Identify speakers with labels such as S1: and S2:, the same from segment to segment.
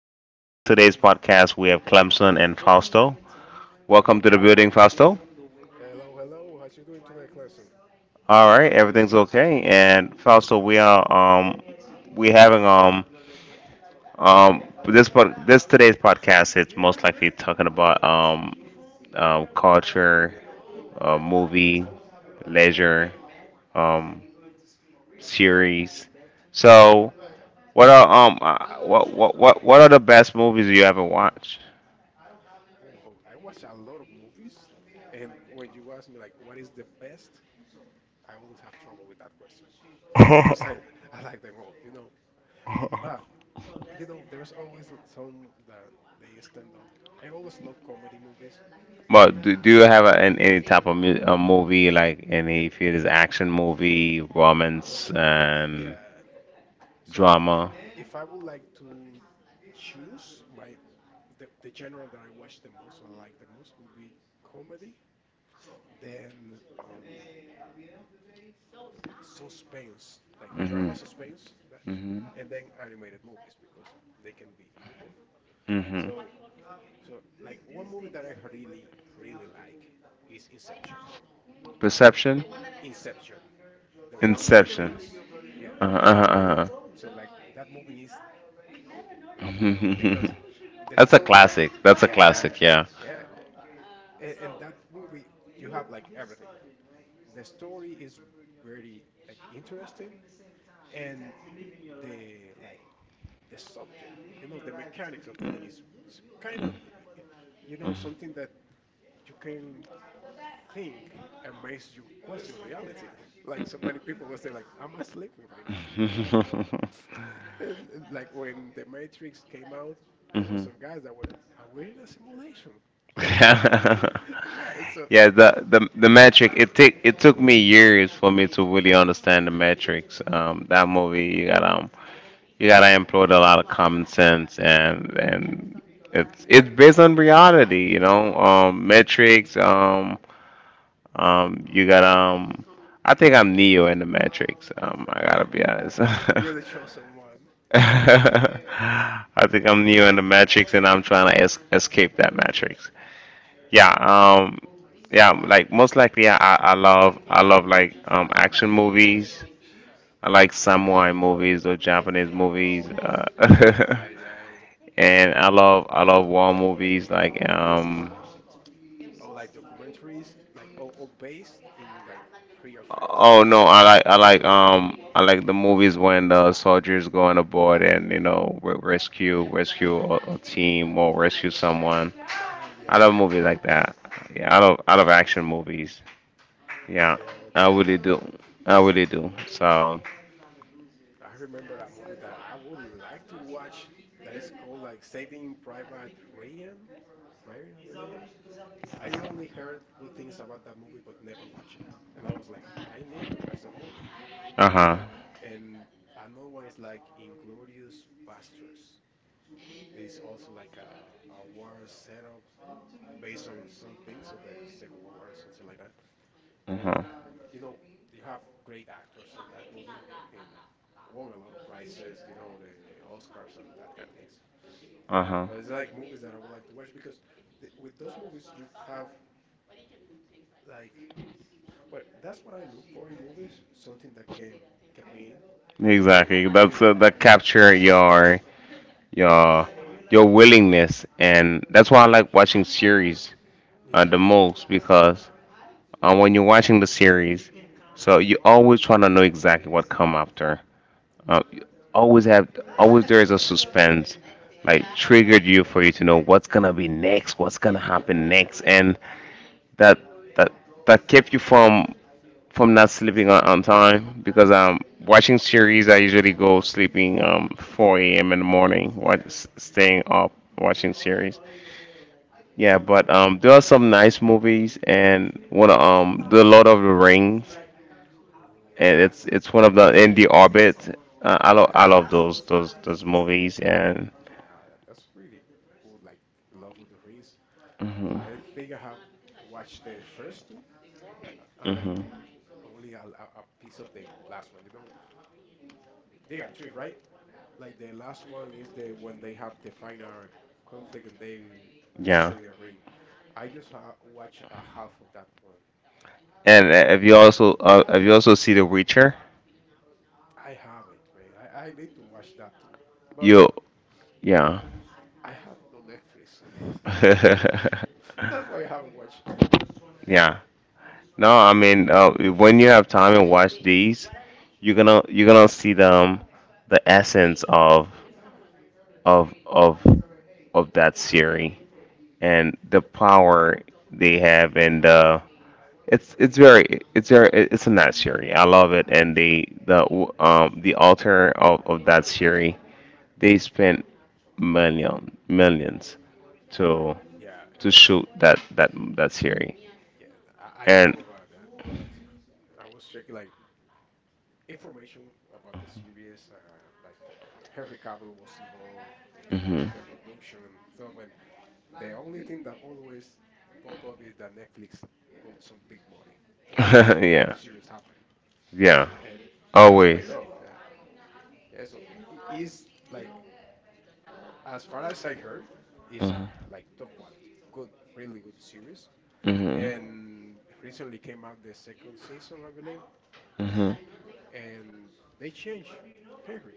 S1: this is in today's podcast. We have Clemson and Fausto.
S2: Hello,
S1: Welcome to the
S2: hello.
S1: building, Fausto.
S2: Hello, hello. How's you doing today, Clemson?
S1: All right, everything's okay. And Fausto, we are we having um, this today's podcast. It's most likely talking about culture, movie,
S2: Yeah.
S1: leisure, um, series. So, what are what are the best movies you ever watched?
S2: Ooh, I watch a lot of movies, and when you ask me like what is the best, I always have trouble with that question because I like them all, you know. But you know, there's always some that they stand up. I always love comedy movies. Like,
S1: But do you have any type of a movie, like, any, if it is action movie, romance, and
S2: yeah. So
S1: drama?
S2: if I would like to choose my the genre that I watch the most or like the most would be comedy. Then suspense, like drama suspense, that,
S1: Hmm
S2: and
S1: hmm
S2: then animated movies because they can be either both.
S1: hmm
S2: So, so like one movie that I really, really like is Inception.
S1: Perception,
S2: Inception, the one for the
S1: Inception.
S2: dreams. Yeah.
S1: Uh-huh, uh-huh,
S2: So like that movie is loving
S1: uh-huh.
S2: because the
S1: That's a
S2: story.
S1: classic. That's a
S2: Yeah,
S1: classic. Yeah.
S2: yeah. And that movie, you have like everything. The story is very like interesting, and the like the subject, you know, the mechanics of the thing is kind of, you know, something that you can think and makes you question reality. Like so many people will say, like, am I sleeping right now?
S1: I.
S2: Uh, Like when The Matrix came out, there was
S1: Mhm.
S2: some guys that were, are we in a simulation?
S1: Yeah,
S2: Yeah, and so
S1: the metric, it take it took me years for me to really understand the metrics. That movie you got you gotta employ a lot of common sense, and it's based on reality, you know, metrics. You got I think I'm Neo in the metrics. I gotta be honest.
S2: you're the chosen one.
S1: I think I'm Neo in the matrix, and I'm trying to escape that matrix. Yeah, yeah, like, most likely I love, like, action movies. I like samurai movies or Japanese movies.
S2: Oh, my man. Yeah, yeah, yeah.
S1: And I love war movies, like,
S2: Or like documentaries, like, or based in like real facts.
S1: oh no, I like, I like the movies when the soldiers go on aboard and, you know, rescue a team or rescue someone.
S2: Oh,
S1: I
S2: yeah.
S1: love movies like that. Yeah, I love action movies. Yeah,
S2: Yeah,
S1: I
S2: that
S1: really do. I really do. So,
S2: I remember a movie that I would like to watch that is called like Saving Private Ryan. Ryan, I believe. I only heard good things about that movie but never watched it. And I was like, I need to watch that movie.
S1: uh huh
S2: And another one is like Inglorious Basterds. It's also like a war setup based on some things of the Second World War or something like that.
S1: uh
S2: But
S1: huh
S2: you know, you have great actors on that movie and won a lot of prizes, you know, the Oscars and that kind of things.
S1: uh huh.
S2: But it's like movies that I would like to watch because the, with those movies you have like, well, that's what I look for in movies, something that came kept me in
S1: Exactly. That's,
S2: because
S1: that capture your your your willingness, and that's why I like watching series
S2: yeah,
S1: the most, because, when you're watching the series, so you always try to know exactly what come after. You always have, always there is a suspense, like,
S2: mm,
S1: triggered you for you to know what's gonna be next, what's gonna
S2: yeah,
S1: happen next, and that that that kept you from not sleeping on time, because watching series I usually go sleeping 4 a.m. in the morning,
S2: yeah. Oh,
S1: staying up watching series. Yeah, but there are some nice movies, and the Lord of the Rings, and
S2: that's
S1: it's
S2: a,
S1: one of the in the orbit. I love those movies. And
S2: yeah, that- that's really cool. Like Love of the Rings,
S1: hmm
S2: I think I have watched the first two
S1: hmm
S2: and only a, a piece of the last one. You know, they are three, right? Like the last one is the when they have the final conflict and they
S1: yeah,
S2: destroy their ring. I just ha watched a half of that one.
S1: and if you also, if you also see The Witcher,
S2: I haven't, man. I need to watch that too, but
S1: you yeah.
S2: I have no Netflix. That's why I haven't watched it.
S1: Yeah. No, I mean, when you have time and watch these, you're gonna see them, the essence of of of that series and the power they have. And it's it's very it's a nice series. I love it, and the author of that series, they spent millions
S2: Hmm.
S1: to
S2: Yeah,
S1: shoot that series,
S2: yeah. I
S1: and
S2: know about that part. I was checking like information about the series. Like Henry Cavill was involved
S1: hmm
S2: in the production. So when the only thing that always pop up is that Netflix put some big money to make that
S1: yeah.
S2: series happen,
S1: Yeah.
S2: and it has paid
S1: Always.
S2: off. Yeah, yeah. So it is like as far as I heard, it's
S1: Hmm
S2: a like top quality, good, really good series.
S1: hmm
S2: And recently came out the second season, I believe,
S1: hmm
S2: and they changed Henry.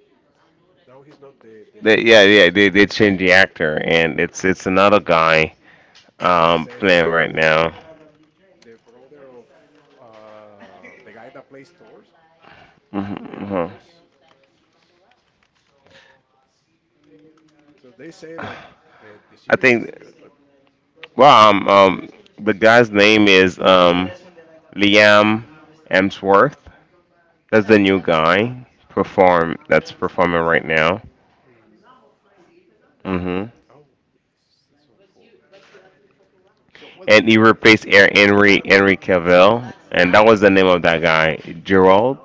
S2: Now he's not the
S1: They, yeah,
S2: protagonist.
S1: yeah, they changed the actor, and it's another guy
S2: Yes, it's
S1: playing
S2: like
S1: right
S2: uh,
S1: now.
S2: the brother of the guy that plays Thor in the
S1: Hmm
S2: Avengers. So they say like the
S1: I
S2: series
S1: think.
S2: is good, but
S1: Well, the guy's name is, Liam Emsworth. That's the new guy perform that's performing right now.
S2: mm,
S1: Hmm
S2: oh yes, season four. So well,
S1: And he replaced Henry Cavill, and that was the name of that guy, Gerald.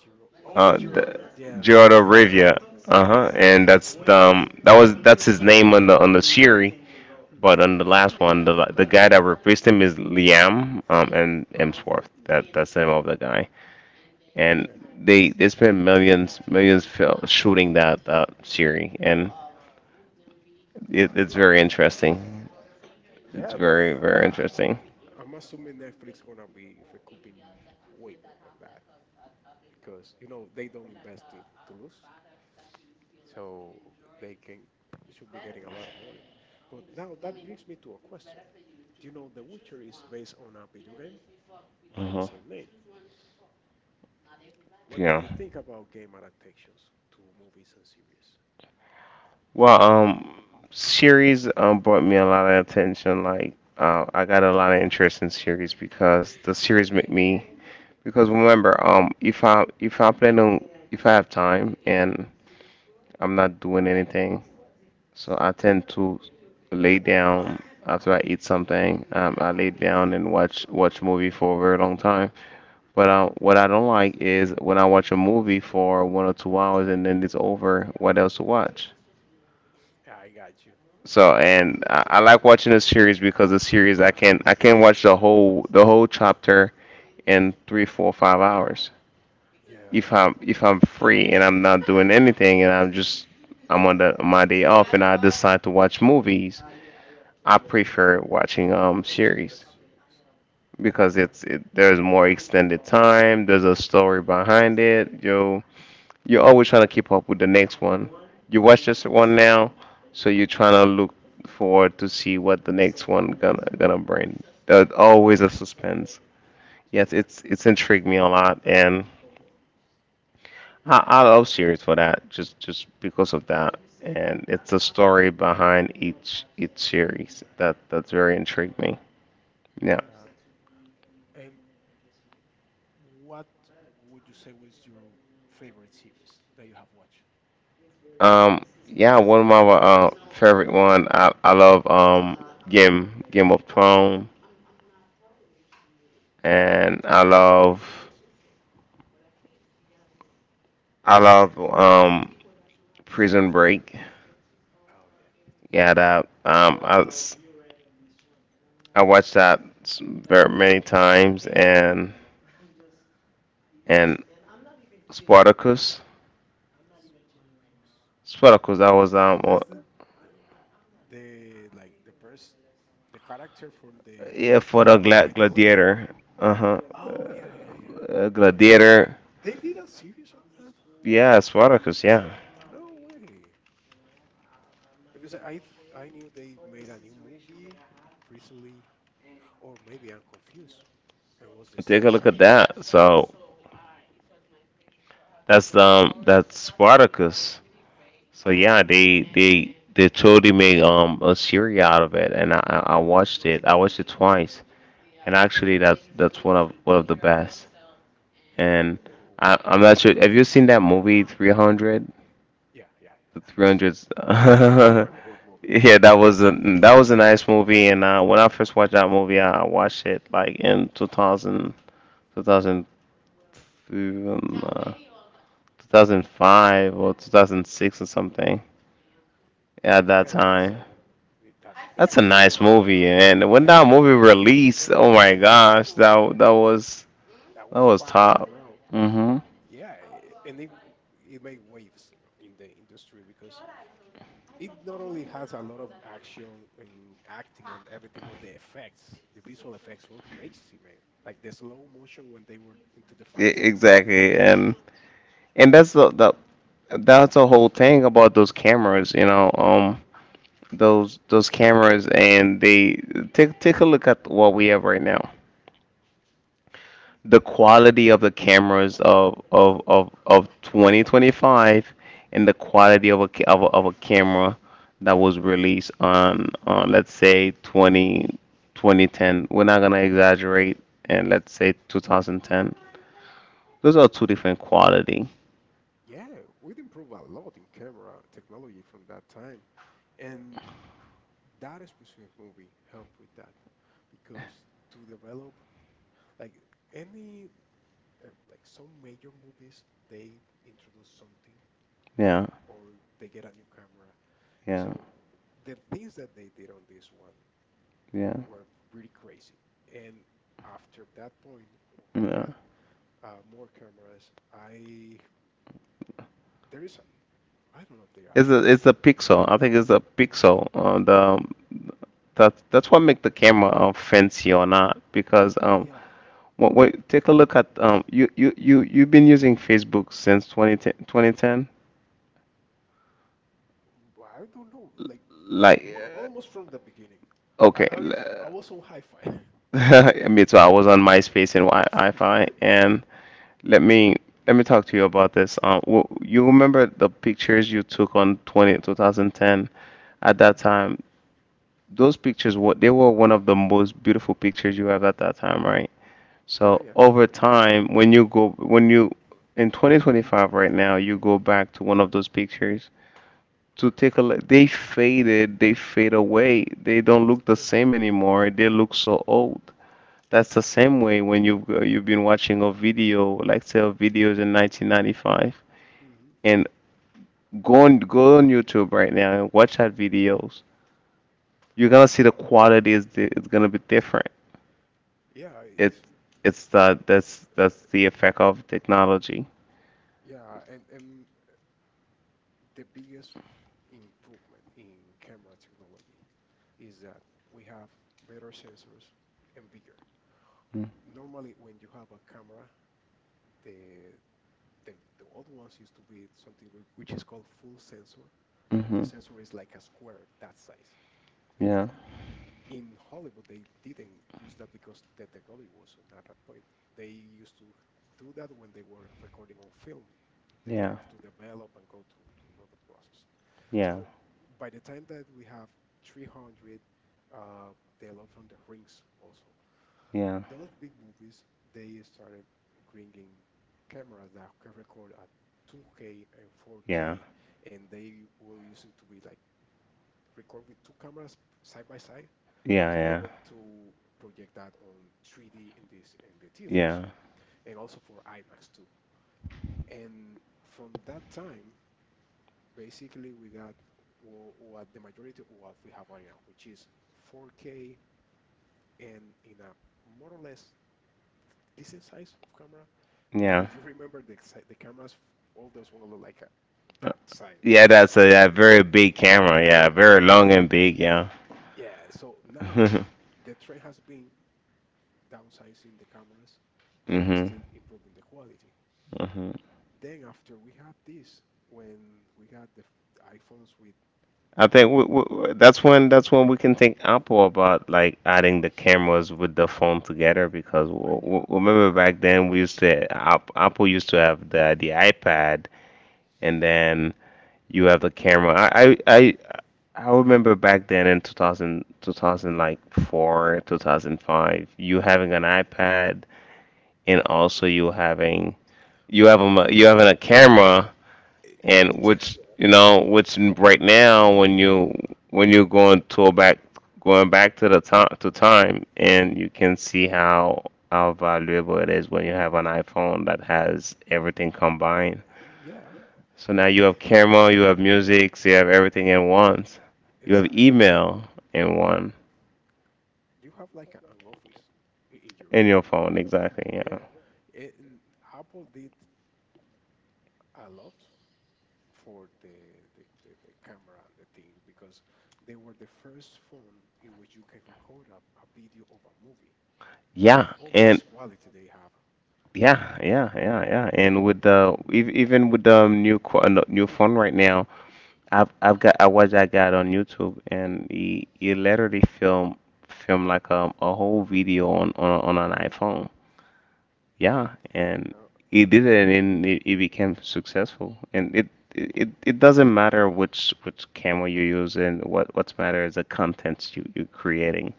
S2: Jiro. Oh,
S1: Uh,
S2: Jiro, of
S1: the,
S2: yeah, the
S1: Gerald
S2: main
S1: of Rivia.
S2: character.
S1: Uh huh. And that's the, that's his name on the series.
S2: Mhm.
S1: But on the last one, the guy that replaced him is Liam and
S2: Yeah,
S1: Emsworth. That that's the name of the guy. And
S2: yeah,
S1: they spent millions, shooting that series, and it,
S2: a
S1: it's
S2: lot of.
S1: very interesting. It's
S2: Yeah, but
S1: very interesting.
S2: I'm assuming Netflix gonna be recouping way more than that because you know they don't invest in to lose. So they can should be getting a lot of money. But now that brings me to a question. Do you know The Witcher is based on a video game by the
S1: Hmm
S2: same name? What do
S1: Yeah.
S2: you think about game adaptations to movies and series?
S1: Well, series brought me a lot of attention. Like, I got a lot of interest in series because the series make me. Because remember, if I plan on, if I have time and I'm not doing anything, so I tend to lay down after I eat something. I lay down and watch movie for a very long time.
S2: Mhm.
S1: But what I don't like is when I watch a movie for 1 or 2 hours and then it's over. What else to watch?
S2: Yeah, I got you.
S1: So,
S2: Yeah,
S1: and I like watching a series, because a series I can, watch the whole chapter in three, four, 5 hours, if
S2: yeah,
S1: I'm free and I'm not doing anything, and I'm just, I'm on the, my day off, and I decide to watch movies. I prefer watching
S2: that's
S1: series
S2: serious.
S1: because
S2: Yeah.
S1: there's more extended time. There's a story behind it. You're always trying to keep up with the next one. You watch this one now, so you're trying to look forward to see what the next one gonna
S2: Hmm.
S1: bring. There's always a suspense. Yes,
S2: Yeah.
S1: it's intrigued me a lot, and I love series for that. Just because of that, and it's the story behind each series that that's very intrigued me. Yeah.
S2: Mhm. Yeah. And what would you say was your favorite series that you have watched?
S1: Um, yeah, one of my, favorite one. I love Game of Thrones, and I love, Prison Break.
S2: Oh yeah,
S1: Yeah, that, I watched very many times, and and Spartacus.
S2: Spartacus.
S1: Spartacus,
S2: That's the like the first the character from
S1: yeah, for the
S2: the mythology.
S1: gladiator. Uh-huh.
S2: Oh yeah, yeah, yeah. So
S1: Gladiator.
S2: they did a series of that?
S1: Yeah, Spartacus. Yeah,
S2: No way. Because I knew they made a new movie recently, or maybe I'm confused. It was the
S1: take a
S2: series
S1: look
S2: at
S1: at
S2: the moment.
S1: that. So. That's Spartacus. So yeah,
S2: Oh,
S1: they totally made a series out of it, and I watched it. I watched it twice, and actually that's one of the best. And
S2: oh.
S1: I'm not sure. Have you seen that movie 300?
S2: Yeah, yeah,
S1: The
S2: yeah. That's
S1: 300s.
S2: a good movie.
S1: Yeah, that was a nice movie. And, when I first watched that movie, I watched it like in two thousand 2005 or 2006 or something. Yeah, at that
S2: Yeah, it's a
S1: time.
S2: it, that the
S1: That's a
S2: movie is
S1: nice
S2: old.
S1: movie, and when that
S2: Yeah,
S1: movie released, oh my gosh, that was,
S2: that
S1: that
S2: was
S1: was
S2: fire,
S1: top.
S2: bro.
S1: Mhm.
S2: Yeah, and it made waves in the industry because it not only has a lot of action and acting and everything, but the effects, the visual effects were crazy, man. Like the slow motion when they were into the fights. It's,
S1: Exactly. And that's the that's the whole thing about those cameras, you know, those cameras. And they take a look at what we have right now, the quality of the cameras
S2: oh,
S1: of 2025 and the quality of a, ca- of a camera that was released on let's say 202010. We're not gonna exaggerate, and let's say 2010. Those are two different quality.
S2: yeah, we'd improved a lot in camera technology from that time. And that specific movie helped with that because to develop, like any, like some major movies, they introduce something
S1: Yeah,
S2: or they get a new camera.
S1: yeah,
S2: So the things that they did on this one
S1: yeah,
S2: were pretty crazy. And after that point, we
S1: yeah.
S2: got more cameras. I there is I don't know if they are
S1: It's
S2: active
S1: a,
S2: still.
S1: it's a pixel I think it's a pixel, the that that's what make the camera fancy or not, because
S2: Yeah,
S1: well, wait, take a look at you've been using Facebook since 2010, 2010?
S2: but I don't know. Like
S1: Like,
S2: mo almost from the beginning, I
S1: okay.
S2: I, was-
S1: l-
S2: I was on hi-fi.
S1: Me too. I was on MySpace and Wi- fi and let me let me talk to you about this. You remember the pictures you took on 2010, at that
S2: Mhm.
S1: time? Those pictures were, they were one of the most beautiful pictures you have at that time, right? So over time, when you go, when you in 2025 right now, you go back to one of those pictures to take a look. They faded, they fade away. They don't look the
S2: Uh-huh.
S1: same anymore. They look so old. That's the same way when you've been watching a video, like say a videos in 1995, and go on YouTube right now and watch that videos. You're gonna see the
S2: Mhm.
S1: quality is it's gonna be different.
S2: Yeah, it's
S1: It's that's the effect of technology.
S2: yeah, and the biggest improvement in camera technology is that we have better sensors and bigger. Normally, when you have a camera, the the the old ones used to be something which is called full sensor, like
S1: Mm-hmm.
S2: the sensor is like a square that size.
S1: Yeah.
S2: In Hollywood, they didn't use that because the technology wasn't at that point. They used to do that when they were recording on film, that they
S1: Yeah.
S2: have to develop and go through to the process.
S1: Yeah.
S2: So by the time that we have 300, uh, The Lord from the Rings also,
S1: Yeah.
S2: those big movies, they started bringing cameras that can record at 2K and
S1: Yeah.
S2: 4K, and they were using to be like record with two cameras side by side
S1: Yeah.
S2: to be
S1: Yeah.
S2: able to project that on 3D in this in the theaters
S1: Yeah.
S2: and also for IMAX too. And from that time, basically, we got what the majority of what we have right now, which is 4K and in a more or less decent size of camera. Because
S1: Yeah.
S2: if you remember the the cameras, all those one look like a,
S1: Uh,
S2: that size.
S1: yeah, that's a, yeah,
S2: Uh,
S1: very big camera.
S2: Yeah,
S1: Yeah, very long and big. Yeah.
S2: yeah. So now the trend has been downsizing the cameras, but
S1: Mhm.
S2: they're
S1: Mhm.
S2: still improving the quality. Then after we had this, when we had the iPhones with,
S1: I think w w that's when we can think Apple about like adding the cameras with the phone together, because w
S2: yeah,
S1: w remember back then we used to, Apple used to have the iPad, and then you have the camera. I remember back then in 2000, 2000, like four, 2005, you having an iPad, and also you having,
S2: or,
S1: you having a camera.
S2: uh,
S1: And
S2: yeah,
S1: which, you know, which right now, when you, when you're going to back, going back to the time to time, and you can see how valuable it is when you have an iPhone that has everything combined.
S2: yeah.
S1: So now you
S2: Eh,
S1: have camera, you have music, so you have everything
S2: eh,
S1: in
S2: y-
S1: once. You have
S2: Exactly.
S1: email in one
S2: You have like an office
S1: in
S2: in
S1: your
S2: your
S1: phone,
S2: pocket.
S1: exactly. Yeah.
S2: Yeah. And Apple did a lot for the camera and the thing because they were the first phone in which you can record a video of a movie. That's
S1: Yeah,
S2: how
S1: and
S2: much quality they have.
S1: yeah, yeah, yeah, yeah. And with the even with the new new phone right now, I got on YouTube, and he literally film film, like, a whole video on an iPhone. Yeah, and
S2: Uh,
S1: he did it, and it became successful. And it doesn't matter which camera you use, and what's matter is the contents you're creating.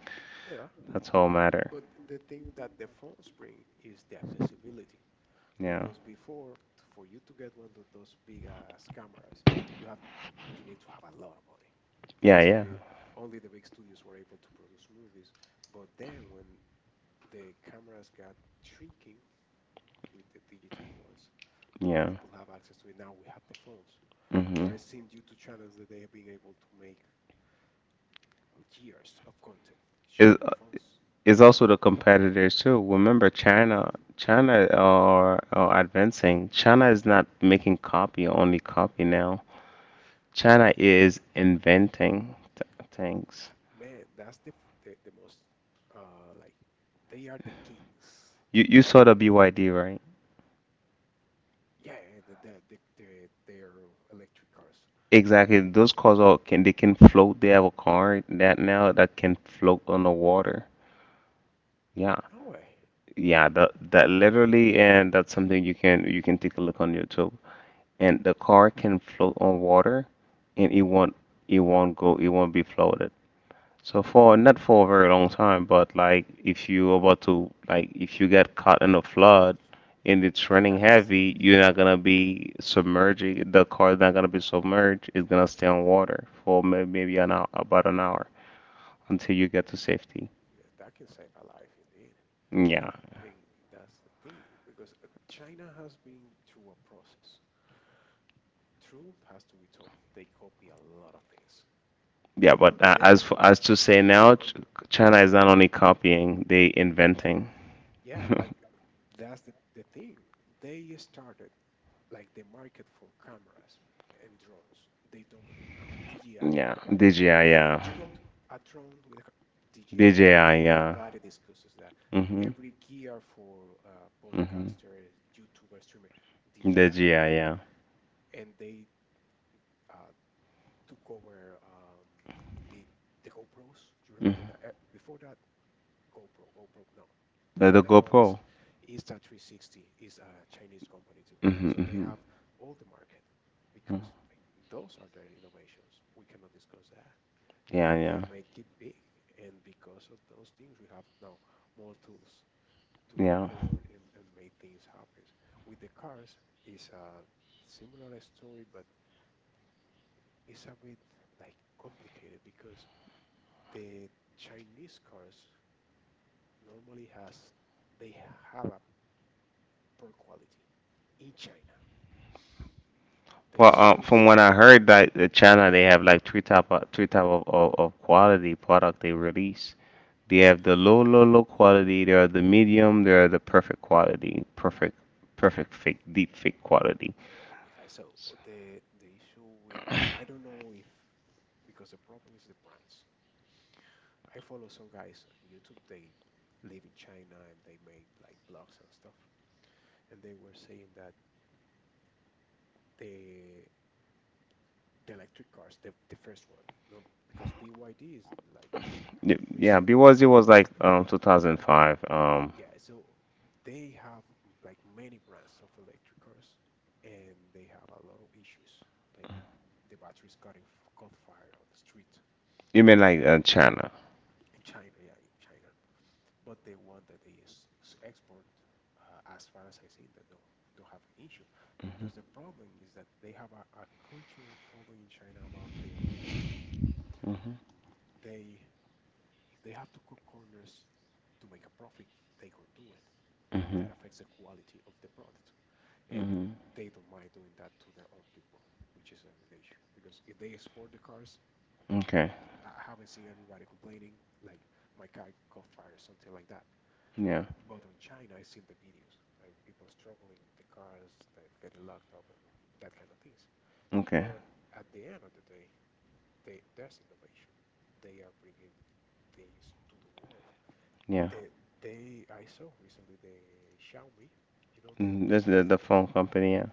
S2: yeah.
S1: That's all matter.
S2: But the thing that the phones bring is the accessibility.
S1: Yeah,
S2: Because before, for you to get one of those big ass cameras, you have you need to have a lot of money. Yeah.
S1: yeah,
S2: That's
S1: yeah,
S2: why only the big studios were able to produce movies. But then when the cameras got shrinking with the digital ones, more
S1: yeah.
S2: people have access to it. Now we have the phones.
S1: hmm
S2: There are seen YouTube channels that they have been able to make years of content
S1: It,
S2: shooting on phones.
S1: it's also the competitors too. Remember, China, are advancing. China is not making copy, only copy now. China
S2: No.
S1: is inventing th things.
S2: Man, that's the the most like they are the kings
S1: You saw the
S2: in
S1: BYD,
S2: Canberra.
S1: right?
S2: Yeah, the their electric cars.
S1: Exactly. Those cars all can they can float. They have a car that now that can float on the water. Yeah.
S2: No way.
S1: Yeah, that literally, and that's something you can take a look on YouTube. And the car can float on water, and it won't be floated. So for not for a very long time, but like if you about to like if you get caught in a flood and it's raining
S2: That's
S1: heavy, you're not gonna be submerging. The car's not gonna be submerged. It's gonna stay on water for maybe an hour, about an hour until you get to safety.
S2: yeah, that can save a life indeed.
S1: Yeah,
S2: And that's the thing because China has been through a process. Truth has to be told. They copy a lot of things.
S1: yeah.
S2: But
S1: But as
S2: then
S1: as to say now,
S2: on, on
S1: China is not only copying, they inventing.
S2: yeah, like that's the thing. They started like the market for cameras and drones, they dominate now. DJI.
S1: Yeah, DJI. Yeah,
S2: You go to a drone with a DJI.
S1: DJI. Yeah.
S2: Nobody discusses that.
S1: Mhm.
S2: Every gear for
S1: Mhm.
S2: podcaster, YouTuber, streamer, DJI,
S1: DJI. Yeah.
S2: and they uh, took over the the GoPros. You remember
S1: Mhm.
S2: that? Before that, GoPro, GoPro. No,
S1: The
S2: now is
S1: GoPro.
S2: insta 360 is a Chinese company too.
S1: Hmm.
S2: So they
S1: Hmm.
S2: have all the market because like, those are their innovations. We cannot discuss that. And
S1: Yeah,
S2: they
S1: yeah,
S2: make it big. And because of those things, we have now more tools to
S1: yeah.
S2: record and make things happen. With the cars, is a similar story, but it's a bit like complicated because the Chinese cars normally has they have a poor quality in China. They
S1: Well,
S2: sell it
S1: from what
S2: here.
S1: I heard, that China, they have like three type of quality product they release. They have the low, low, low quality. There are the medium. There are the perfect quality, perfect, perfect fake, deep fake quality.
S2: Yeah, so the issue with I don't know if because the problem is the brands. I follow some guys on YouTube. They live in China and they make like blogs and stuff. And they were saying that the the electric cars, the first one, no, because BYD is like
S1: Yeah,
S2: recent one.
S1: because it was like 2005.
S2: Yeah, so they have like many brands of electric cars, and they have a lot of issues. Like the batteries caught in, caught fire on the street.
S1: You mean like China?
S2: In China, yeah, in China. But the one that they export, as far as I seen, that don't have an issue because the problem is that they have a cultural problem in China about the money.
S1: Mm-hmm.
S2: They, if they have to cut corners to make a profit, they can do it.
S1: Mm-hmm.
S2: That affects the quality of the product, and
S1: Mm-hmm.
S2: they don't mind doing that to their own people, which is the issue. Because if they export the cars,
S1: Okay.
S2: I haven't seen everybody complaining like my car caught fire or something like that.
S1: Yeah.
S2: But on China, I've seen the videos, right? People struggling with the cars that get locked up and that kind of things.
S1: Okay.
S2: But at the end of the day, they that's innovation. They are bringing things to the world.
S1: Yeah.
S2: They they I saw recently the Xiaomi, they they
S1: This is
S2: do
S1: the
S2: phones.
S1: phone company. Yeah.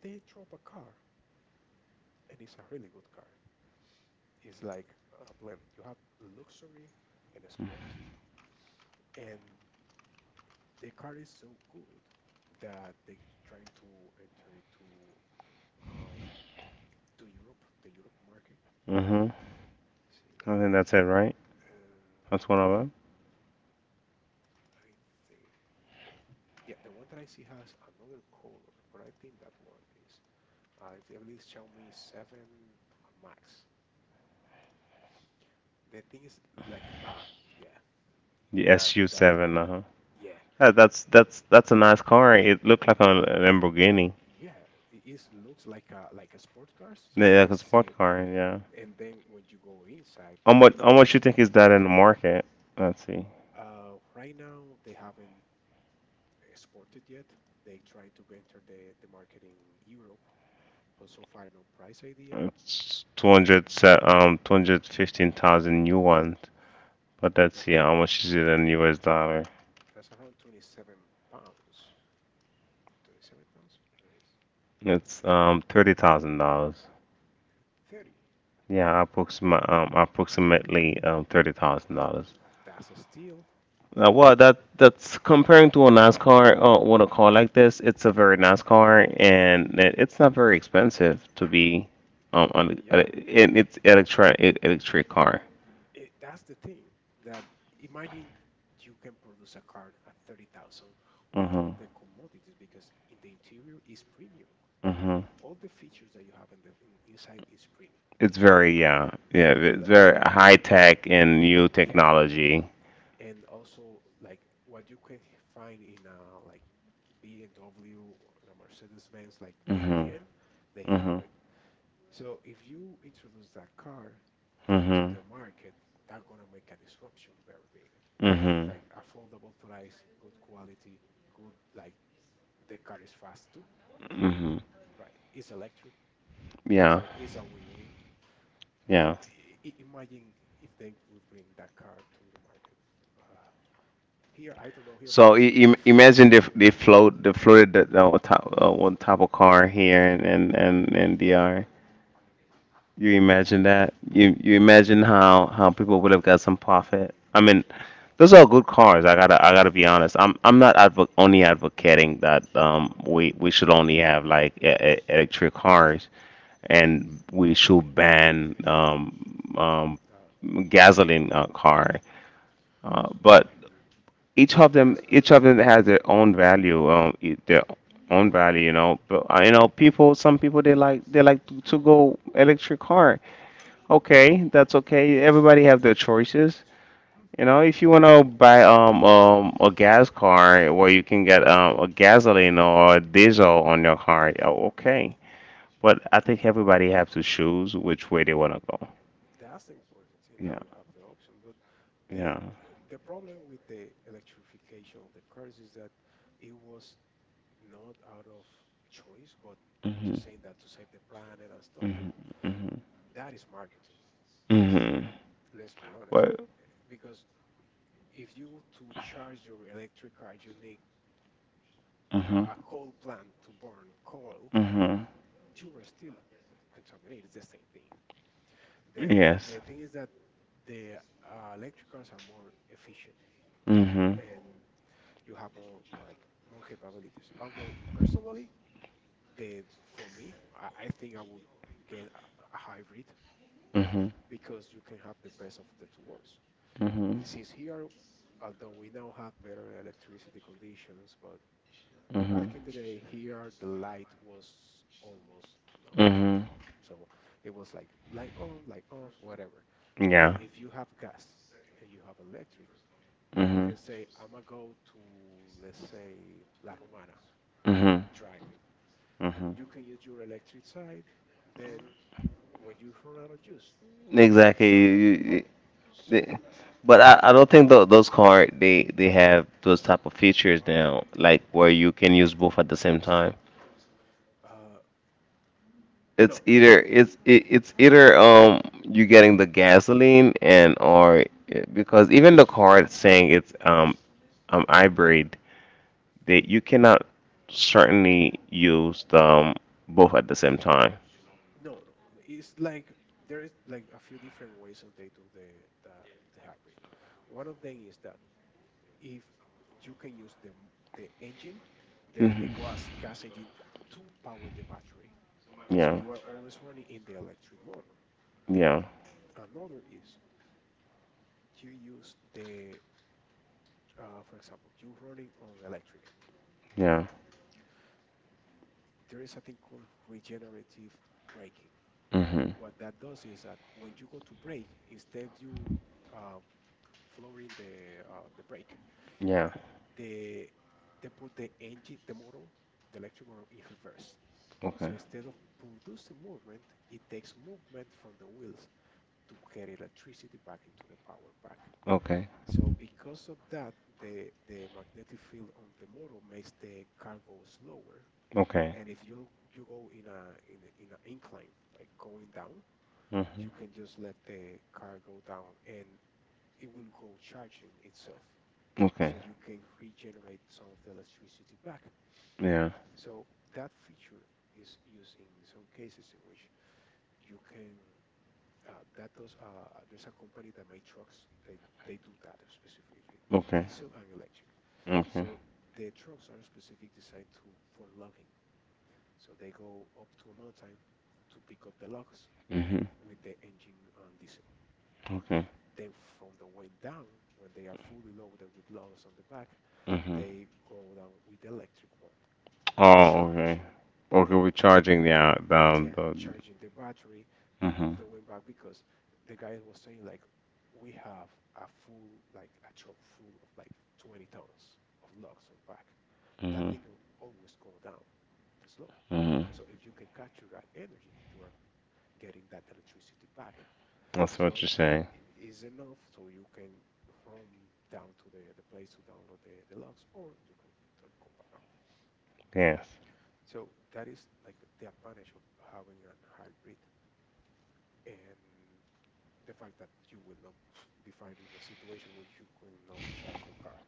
S2: They drop a car, and it's a really good car. It's like a blend. You have luxury and sporty, and the car is so good that they're trying to enter into um, to Europe, the Europe market.
S1: Mm-hmm.
S2: Let's see what
S1: I
S2: it
S1: think
S2: is.
S1: that's it, right?
S2: Uh,
S1: That's one of them.
S2: I think, yeah, the one that I see has another color, but I think that one is, I believe it's Xiaomi 7 Max. The thing is, like, yeah,
S1: The
S2: that that
S1: SU7,
S2: one,
S1: uh-huh.
S2: yeah,
S1: That's a nice car. It looked like a Lamborghini,
S2: yeah, it is looks like a sport car, so you
S1: yeah, like
S2: can
S1: a
S2: see
S1: sport
S2: it.
S1: car. Yeah.
S2: And then when you go inside,
S1: How much
S2: the
S1: how much you think is that in the market? Let's see.
S2: right now they haven't exported yet. They trying to enter the market in Europe, but so far no price idea. To
S1: It's 200 um 215,000
S2: feed.
S1: yuan, but let's
S2: That's
S1: see
S2: around,
S1: how much is it in US dollar.
S2: that's around 27 pounds. 27,000? What is
S1: It's $30,000.
S2: 30?
S1: Yeah, approximately $30,000.
S2: That's a steal.
S1: Well, that's comparing to a NASCAR with a car like this. It's a very NASCAR, and it's not very expensive to be on,
S2: Yeah,
S1: and it's electric car.
S2: it, that's the thing that imagine you can produce a car at 30,000 with
S1: Mhm.
S2: all the commodities because in the interior is premium.
S1: Mhm.
S2: All the features that you have in the inside is premium.
S1: It's very, yeah, yeah,
S2: Yeah, so
S1: it's very
S2: like
S1: high tech and new
S2: yeah,
S1: technology.
S2: and also like what you can find in like BMW or in a Mercedes-Benz, like the high
S1: Mhm.
S2: end, they have
S1: Mhm.
S2: it. So if you introduce that car into
S1: Mhm.
S2: the market, that's gonna make a disruption very big. It's
S1: Mhm.
S2: like affordable price, good quality, good like the car is fast too,
S1: Mhm.
S2: right? It's electric,
S1: Yeah.
S2: so it's a win-win. So
S1: Yeah.
S2: imagine if they will bring that car to the market. Uh, here, I don't know here
S1: So
S2: because
S1: I- im imagine they f- they float they floated top on top of car here, and DR. You imagine that? You imagine how people would have got some profit? I mean, those are good cars. I gotta be
S2: yeah,
S1: honest. I'm not advo only advocating that we should only have like electric cars, and we should ban um
S2: uh,
S1: gasoline car. But each of them has their own value. Their own value. But people some people, they like to go electric car. Okay, that's okay. Everybody have their choices. You know, if you want to buy a gas car where you can get a gasoline or a diesel on your car, oh, okay. But I think everybody have to choose which way they want to go.
S2: that's the important thing that
S1: Yeah,
S2: we have the option. But the
S1: yeah.
S2: the problem with the electrification of the cars is that it was not out of choice, but
S1: Hmm.
S2: just saying that to save the planet and stuff. But
S1: Hmm.
S2: that is marketing.
S1: Hmm. Hmm.
S2: Let's be honest.
S1: What?
S2: Because if you to charge your electric car, you need
S1: Hmm.
S2: a coal plant to burn coal.
S1: Hmm.
S2: You are still contaminated. It's the same thing. The
S1: Yes.
S2: the thing is that the electric cars are more efficient
S1: Hmm. Hmm.
S2: and you have more like more capabilities. Although personally, the for me, I think I would get a hybrid
S1: Hmm.
S2: because you can have the best of the two worlds. Since here, although we now have better electricity conditions, but
S1: Hmm.
S2: back in the day here, the light was almost nowhere.
S1: Hmm.
S2: On. So it was like light on, light off, whatever. But
S1: Yeah.
S2: if you have gas and you have electric, you
S1: Hmm.
S2: can say, I'm gonna go to, let's say, La Romana
S1: Mhm.
S2: driving.
S1: Mhm.
S2: You can use your electric side. Then, when you run out of juice,
S1: Exactly.
S2: turn off the phone. Turn
S1: They- but I don't think those cars they have those type of features now, like where you can use both at the same time.
S2: the, uh,
S1: It's
S2: no, no,
S1: either
S2: no,
S1: it's it, it's either you getting the gasoline and or eh, because even the car, it's saying it's hybrid, they you cannot certainly use them both at the same time.
S2: no, no. It's like there is like a few different ways that they do the the hybrid. One of them is that if you can use the engine,
S1: Mhm.
S2: the gas engine to power the battery, so
S1: Yeah.
S2: you are always running in the electric motor.
S1: Yeah.
S2: Another is you use the, for example, you're running on electric.
S1: Yeah.
S2: There is a thing called regenerative braking.
S1: Mm-hmm.
S2: What that does is that when you go to brake, instead of you uh, flooring the brake,
S1: Yeah.
S2: they they put the engine, the motor, the electric motor in reverse. So
S1: Okay.
S2: instead of producing movement, it takes movement from the wheels to get electricity back into the power pack.
S1: Okay.
S2: So because of that, the magnetic field on the motor makes the car go slower.
S1: Okay.
S2: And if you go in in an incline, like going down, you
S1: Mm-hmm.
S2: can just let the car go down and it will go charging itself.
S1: Okay.
S2: So you can regenerate some of the electricity back.
S1: Yeah.
S2: So that feature is used in some cases in which you can that does there's a company that make trucks. They they do that specifically with
S1: Okay.
S2: diesel and electric.
S1: Okay.
S2: So the trucks are specific designed to for logging. So they go up to a mountain to pick up the logs
S1: Mm-hmm.
S2: with the engine and diesel.
S1: Okay.
S2: Then from the wind down, when they are fully loaded with logs on the back,
S1: Mm-hmm.
S2: they go down with the electric one,
S1: Oh, okay.
S2: charging
S1: Okay,
S2: the
S1: we're charging the
S2: yeah,
S1: the.
S2: charging the battery
S1: Mm-hmm.
S2: all the way back because the guy was saying like we have a full like a truck full of like 20 tons of logs on back. That
S1: Mm-hmm.
S2: thing will always go down the slope.
S1: Mm-hmm.
S2: So if you can capture that energy, you are getting that electricity back.
S1: That's what
S2: So
S1: you're saying.
S2: is enough so you can roam down to the place to download the logs or you can go back.
S1: Yes.
S2: So that is like the advantage of having a hybrid and the fact that you will not be found in a situation which you cannot charge your car.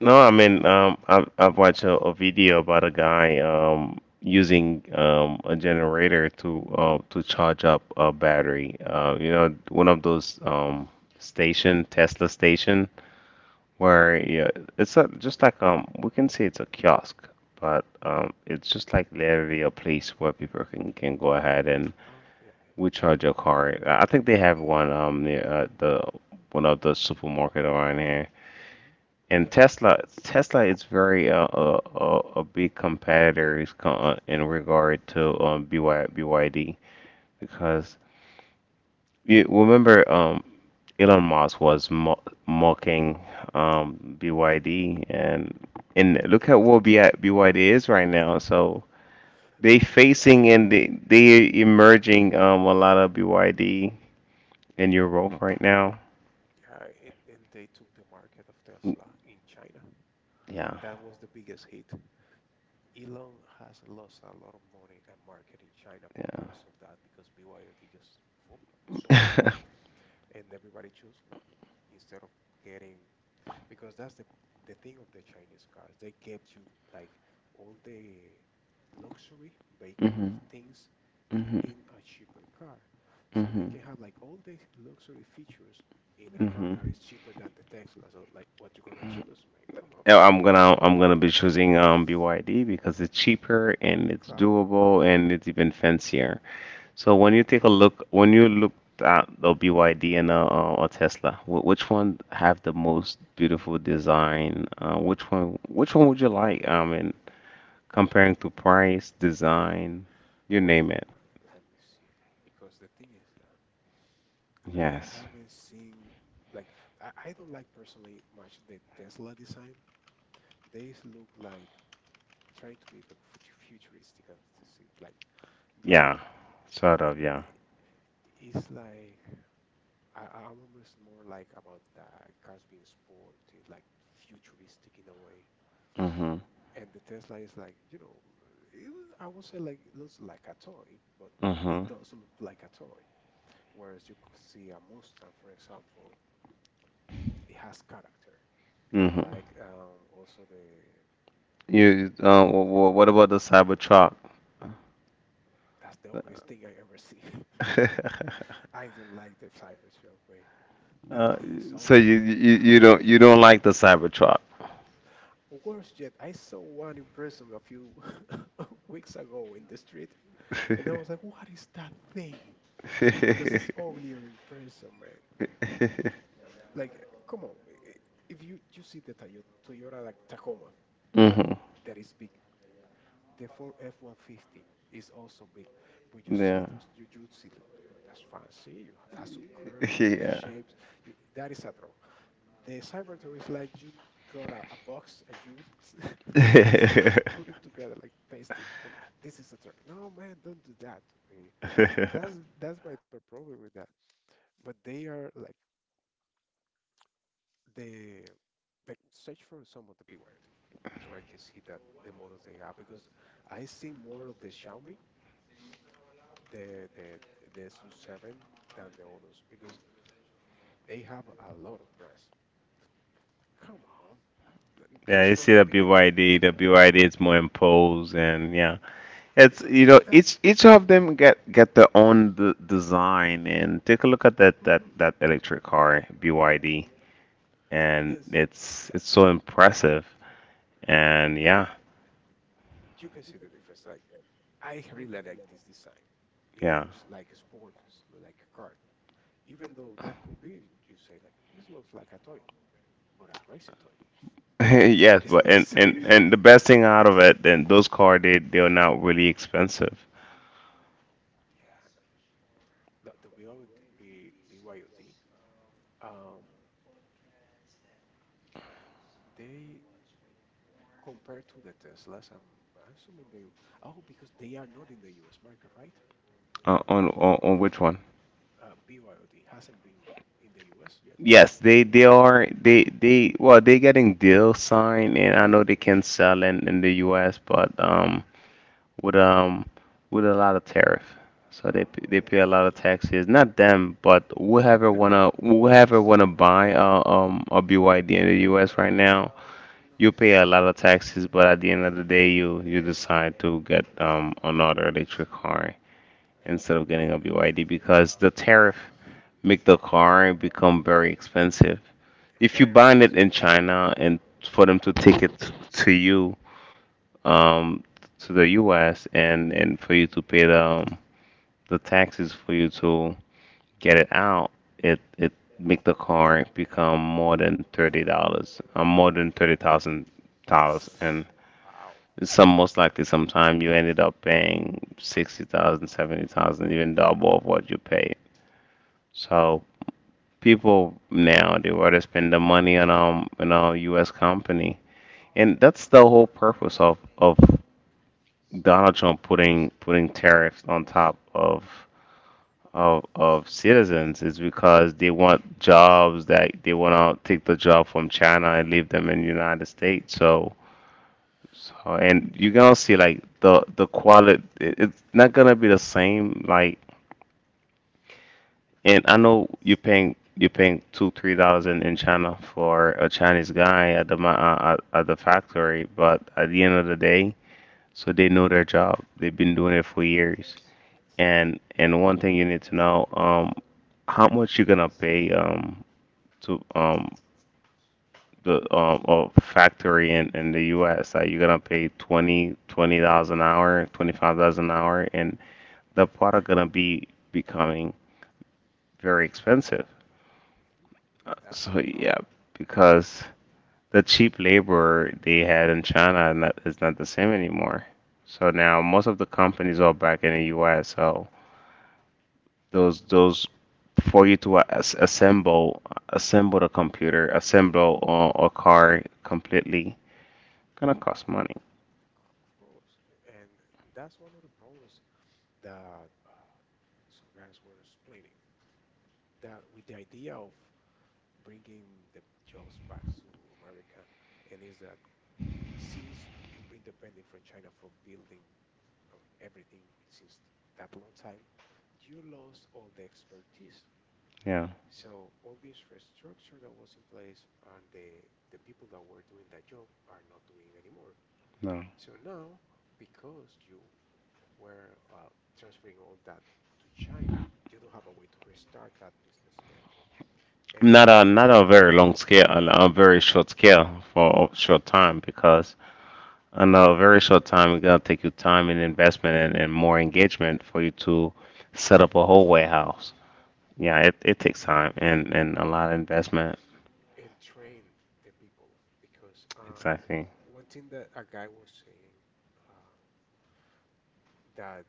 S1: No, I mean, I've watched a video about a guy using a generator to charge up a battery. One of those station Tesla station
S2: Uh-huh.
S1: where, yeah, just like we can say it's a kiosk, but it's just like literally a place where people can go ahead and
S2: Oh, yeah,
S1: we charge your car. I think they have one near the one of the supermarket around here.
S2: yeah. Mhm.
S1: And
S2: Yeah, so.
S1: Tesla is very a big competitor, in regard to BYD, because you remember Elon Musk was mo mocking BYD, and look at what BI
S2: Mhm.
S1: BYD is right now. So they
S2: Yeah,
S1: facing, and they emerging a lot of BYD in Europe right now.
S2: yeah, and they took the market of Tesla in China.
S1: Yeah,
S2: That was the biggest hit. Elon has lost a lot of money and market in China because of that, because BYD just whoop, swooping in
S1: yeah.
S2: and everybody choose like instead of getting because that's the thing of the Chinese cars. They get you like all the luxury vehicles
S1: Hmm.
S2: things
S1: Hmm.
S2: in a cheaper car. So they
S1: Hmm.
S2: can have like all these luxury features in a car
S1: Hmm.
S2: that is cheaper than the Tesla. So like what you gonna choose, man? Come on.
S1: I'm gonna be choosing BYD because it's cheaper and it's
S2: Claro.
S1: doable and it's even fancier. So when you take a look, when you looked at the BYD and a Tesla, which one have the most beautiful design? Which one would you like? I mean, comparing to price, design, you
S2: Well,
S1: name it.
S2: let me see. Because the thing is, I
S1: Yes.
S2: haven't seen like I don't like personally much the Tesla design. They look like trying to be like futuristic and to see it like, but
S1: Yeah. Sort of. Yeah.
S2: i- it's like I remember it's more like about the cars being sporty, like futuristic in a way.
S1: Mhm.
S2: And the Tesla is like, you know, it, I would say like it looks like a toy, but it
S1: Mhm.
S2: does look like a toy. Whereas you could see a Mustang, for example, it has character.
S1: Mhm.
S2: Like also the
S1: What about the Cybertruck?
S2: that's the ugliest thing I ever seen. I don't like the Cybertruck way. That
S1: uh,
S2: thing is
S1: so you,
S2: ugly.
S1: you you don't like the Cybertruck.
S2: Worse yet, I saw one in person a few weeks ago in the street, and I was like, "What is that thing?" Because it's uglier in person, man. Like, come on. If you see the Toyota like Tacoma, like
S1: Hmm.
S2: that is big. The Ford F-150 is also big. But you see
S1: Yeah.
S2: those, you see that that's fancy. You have has some curves, has some
S1: Yeah.
S2: shapes. You, that is a truck. The Cybertruck is like you got a box and you put it together, like paste it, and this is a truck. No, man, don't do that to me. That's my problem with that. But they are like the but search for some of the BYD so I can see that the models they have because I see more of the Xiaomi, the the the SU7 than the others because they have a lot of brands. Come on,
S1: Yeah,
S2: just
S1: you
S2: from
S1: see
S2: the
S1: the
S2: beginning.
S1: BYD, the BYD is more imposed, and yeah.
S2: Yeah,
S1: It's
S2: that's
S1: each of them get their own design, and take a look at that that
S2: mhm,
S1: that electric car BYD, and
S2: yes,
S1: it's so impressive, and yeah.
S2: you can see the difference. Like I really like this design. It
S1: Yeah.
S2: looks like a sport, like a car. Even though that could be, you say like it looks like a toy, but a racing toy.
S1: Yes,
S2: It's
S1: but
S2: not the
S1: and,
S2: same.
S1: and the best thing out of it, then those cars, they're not really expensive.
S2: Yeah, the BYD, B- BYOD, they compared to the Teslas, I'm assuming they, oh, because they are not in the US market, right?
S1: On, on which one?
S2: BYD hasn't been in the US yet.
S1: Yes, they are they well they're getting deal signed, and I know they can sell in the U.S., but with um with a lot of tariff, so they pay a
S2: Oh,
S1: lot of
S2: yeah.
S1: taxes. Not them, but
S2: The company. Yeah.
S1: whoever wanna buy a BYD in the U.S. right now. You pay a lot of taxes, but at the end of the day, you decide to get another electric
S2: Mm,
S1: car instead of getting a
S2: okay,
S1: BYD because the tariff make the car become very expensive.
S2: and
S1: If you
S2: they're
S1: buy
S2: the
S1: it in China and for them to take it to you, um, to the U.S., and for you to pay the taxes for you to get it out, it make the car become more than $30,000, and
S2: wow.
S1: some, most likely, sometime you ended up paying 60,000, 70,000, even double of what you pay. So people now, they rather spend the money on a U.S. company, and that's the whole purpose of Donald Trump putting tariffs on top of citizens, is because they want jobs, that they want to take the job from China and leave them in the United States. So, and you're gonna see like the quality, it's not gonna be the same. Like, and I know you're paying $2-$3 in China for a Chinese guy at the at the
S2: Mhm.
S1: factory, but at the end of the day, so they know their job, they've been doing it for years. And one thing you need to know, how much you're gonna pay to the a factory in the US, that you're gonna pay twenty twenty dollars an hour, $25 an hour, and the product gonna be becoming very expensive. Uh,
S2: That's the
S1: So yeah,
S2: problem,
S1: because the cheap labor they had in China is not the same anymore. So now most of the companies are back in the US. So those, for you to assemble the computer, assemble a car completely, gonna cost money.
S2: of course, and that's one of the problems that some guys were explaining. That with the idea of bringing the jobs back to America, and is that since you've been dependent from China for building everything since that long time, you lost all the expertise.
S1: Yeah.
S2: So all the infrastructure that was in place and the people that were doing that job are not doing anymore.
S1: No.
S2: So now, because you were transferring all that to China, you don't have a way to restart that business again and
S1: Not a very long scale, on a very short scale for a short time, because on a very short time it's gonna take you time and investment and more engagement
S2: yeah
S1: for you to set up a whole warehouse. Yeah, it takes time and a lot of investment.
S2: and train the people because
S1: Exactly.
S2: one thing that a guy was saying uh, that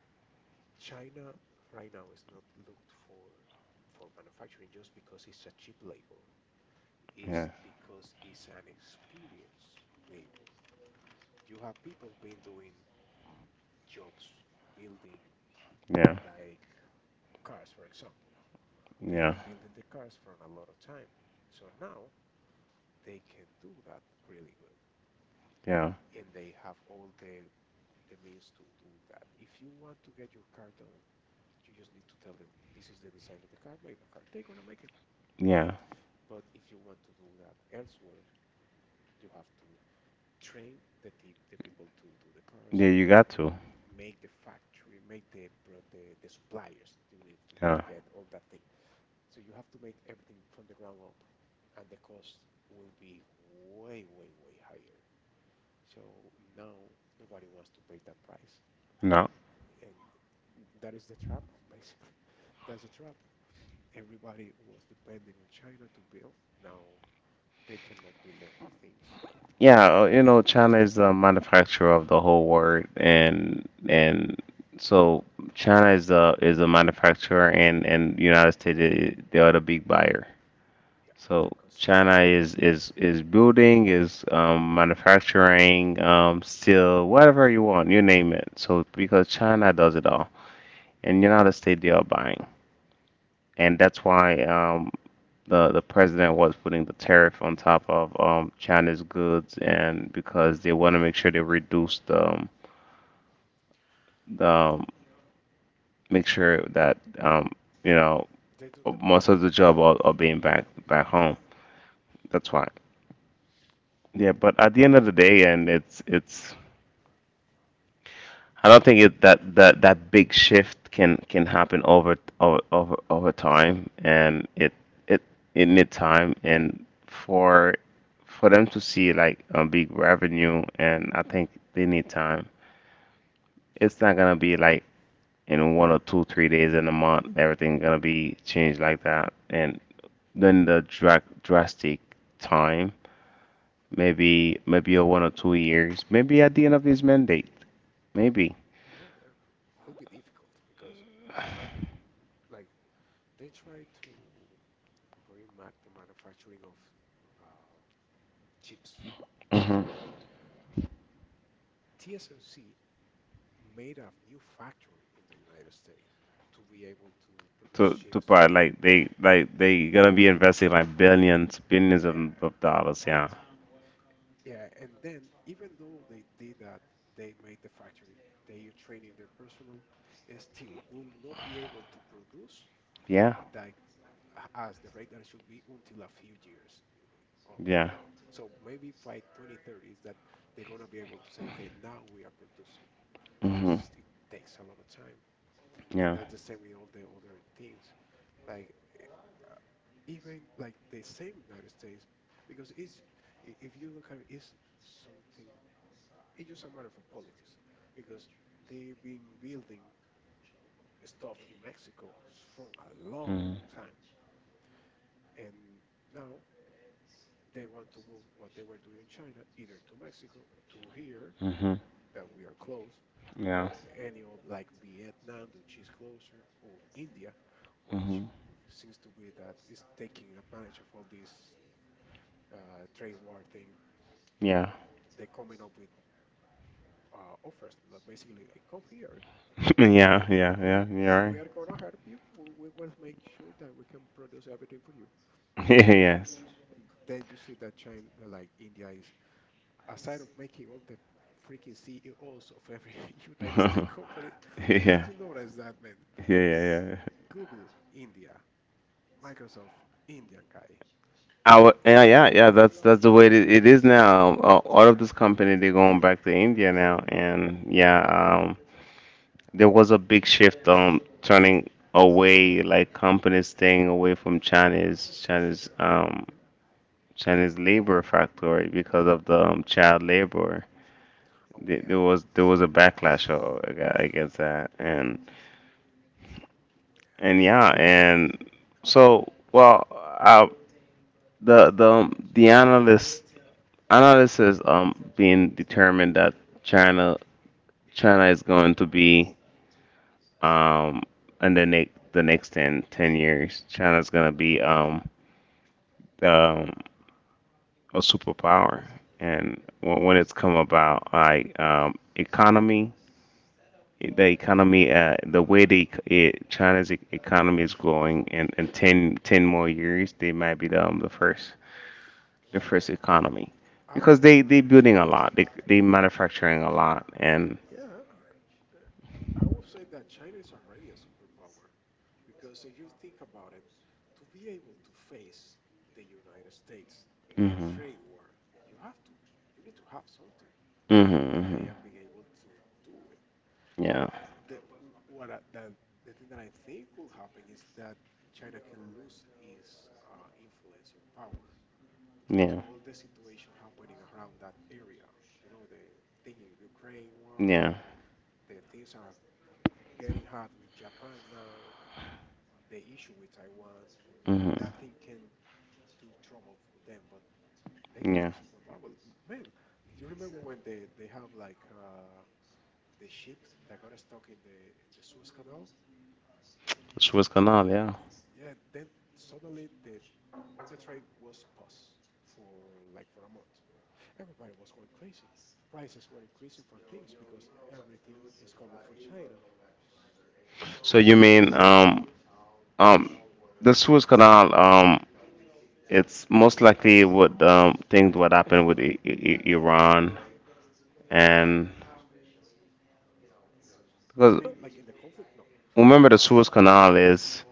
S2: China right now is not looked for manufacturing just because it's a cheap labor. Is
S1: Yeah.
S2: because it's an experience label. You have people been doing jobs building
S1: Yeah.
S2: like cars, for example. They've
S1: Yeah.
S2: been building the cars for a lot of time. So now they can do that really good.
S1: Yeah.
S2: And they have all the means to do that. If you want to get your car done, you just need to tell them this is the design of the car, make the car. They're gonna make it.
S1: Yeah.
S2: But if you want to do that elsewhere, you have to train the tip the people to do the cars,
S1: Yeah, you got to.
S2: make the factory, make the the suppliers. You need to
S1: Yeah.
S2: get all that thing. So you have to make everything from the ground up, and the cost will be way, way, way higher. So now nobody wants to pay that price,
S1: No.
S2: and that is the trap, basically. That's a trap. Everybody was depending on China to build. Now they cannot build their own things.
S1: Yeah, China is the manufacturer of the whole world, and so China is the is a manufacturer, and United States, they are the big buyer.
S2: Yeah, the
S1: So
S2: consumer.
S1: China is building, is manufacturing, steel, whatever you want, you name it. So because China does it all, and United States they are buying, and that's why the president was putting the tariff on top of China's goods, and because they want to make sure they reduce the make sure that you know
S2: Mhm. They don't
S1: most
S2: depend
S1: of the job
S2: that
S1: are
S2: much.
S1: being back home.
S2: Mhm.
S1: That's why. Yeah, but at the end of the day, and it's I don't think it that big shift can happen over time, and it it need time, and for them to see like a big revenue, and I think they need time. It's not gonna be like in one or two three days in a month, everything gonna be changed like that, and then the drastic time, maybe a one or two years, maybe at the end of this mandate, maybe.
S2: It be difficult because imagine, like, they try to bring back the manufacturing of uh, chips. TSMC made a new factory in the United States to be able to produce
S1: To
S2: chips in
S1: part
S2: there.
S1: like they gonna be investing like billions
S2: Yeah.
S1: of dollars. Yeah,
S2: Yeah, and then even though they did that, they made the factory, they are training their personnel, still will not be able to produce
S1: yeah,
S2: like as the rate that it should be until a few years up.
S1: yeah.
S2: Up. So maybe by 2030s that they're gonna be able to say, okay, now we are producing because
S1: Hmm.
S2: it still takes a lot of time. And
S1: Yeah.
S2: that's the same with all the other things. Like even like the same United States, because it's if you look at it, it's something. It's just a matter of politics because they've been building stuff in Mexico from a
S1: Hmm.
S2: long time. And now they want to move what they were doing in China either to Mexico, to here,
S1: Hmm.
S2: that we are close,
S1: Yeah.
S2: or any of like Vietnam, which is closer, or India, which
S1: Hmm.
S2: seems to be that is taking advantage of all this trade war thing.
S1: Yeah.
S2: They're coming up with offers that basically, like, come here. Oh,
S1: yeah, yeah,
S2: oh yeah,
S1: yeah, yeah,
S2: we
S1: right.
S2: are gonna help you. We will make sure that we can produce everything for you. And
S1: yes.
S2: then you see that China, like India, is aside of making all the freaking CEOs of every United
S1: yeah,
S2: States company, like have
S1: yeah,
S2: you noticed that, man? Like
S1: yeah, yeah.
S2: Google, India, Microsoft, Indian guy.
S1: Yeah, yeah,
S2: Like,
S1: yeah. That's the way it is now. All of this company they're going
S2: every-
S1: back to India now, and yeah, um, there was a big shift turning away like companies staying away from
S2: Mhm.
S1: Chinese labor factory because of the child labor.
S2: Oh
S1: There
S2: yeah.
S1: there was there was a backlash against that and and yeah
S2: Yeah.
S1: and so well uh, the the analyst analysis being determined that China China is going to be um, in the next ten 10 years, China's gonna be um, a superpower. And when it's come about, like economy, the way China's economy is growing, in ten more years, they might be the first economy
S2: I would,
S1: because they building a lot, they manufacturing a lot, and
S2: yeah, I would say that China is already a superpower. Because if you think about it, to be able to face the United States in a
S1: hmm.
S2: trade war, you have to, you need to have something,
S1: Hmm.
S2: and they
S1: Hmm.
S2: have been able to do it.
S1: Yeah,
S2: The the the thing that I think will happen is that China can lose its influence or power due to
S1: yeah,
S2: all the situation happening around that area. You know, the thing in Ukraine war,
S1: yeah,
S2: the things are getting hard with Japan now, the issue with Taiwan.
S1: hmm.
S2: That thing can do trouble for them, but they are
S1: Yeah.
S2: a superpower. Man, do you remember when they have like the ship that got stuck in the Suez Canal?
S1: Suez Canal, yeah.
S2: Yeah, then suddenly the all the trade was paused for like for a month. Everybody was going crazy. Prices were increasing for things because everything is coming from China.
S1: So you mean um the Suez Canal, it's most likely what things what happened with I Iran and
S2: Um, you
S1: because
S2: mean like in the conflict? No,
S1: remember the Suez Canal is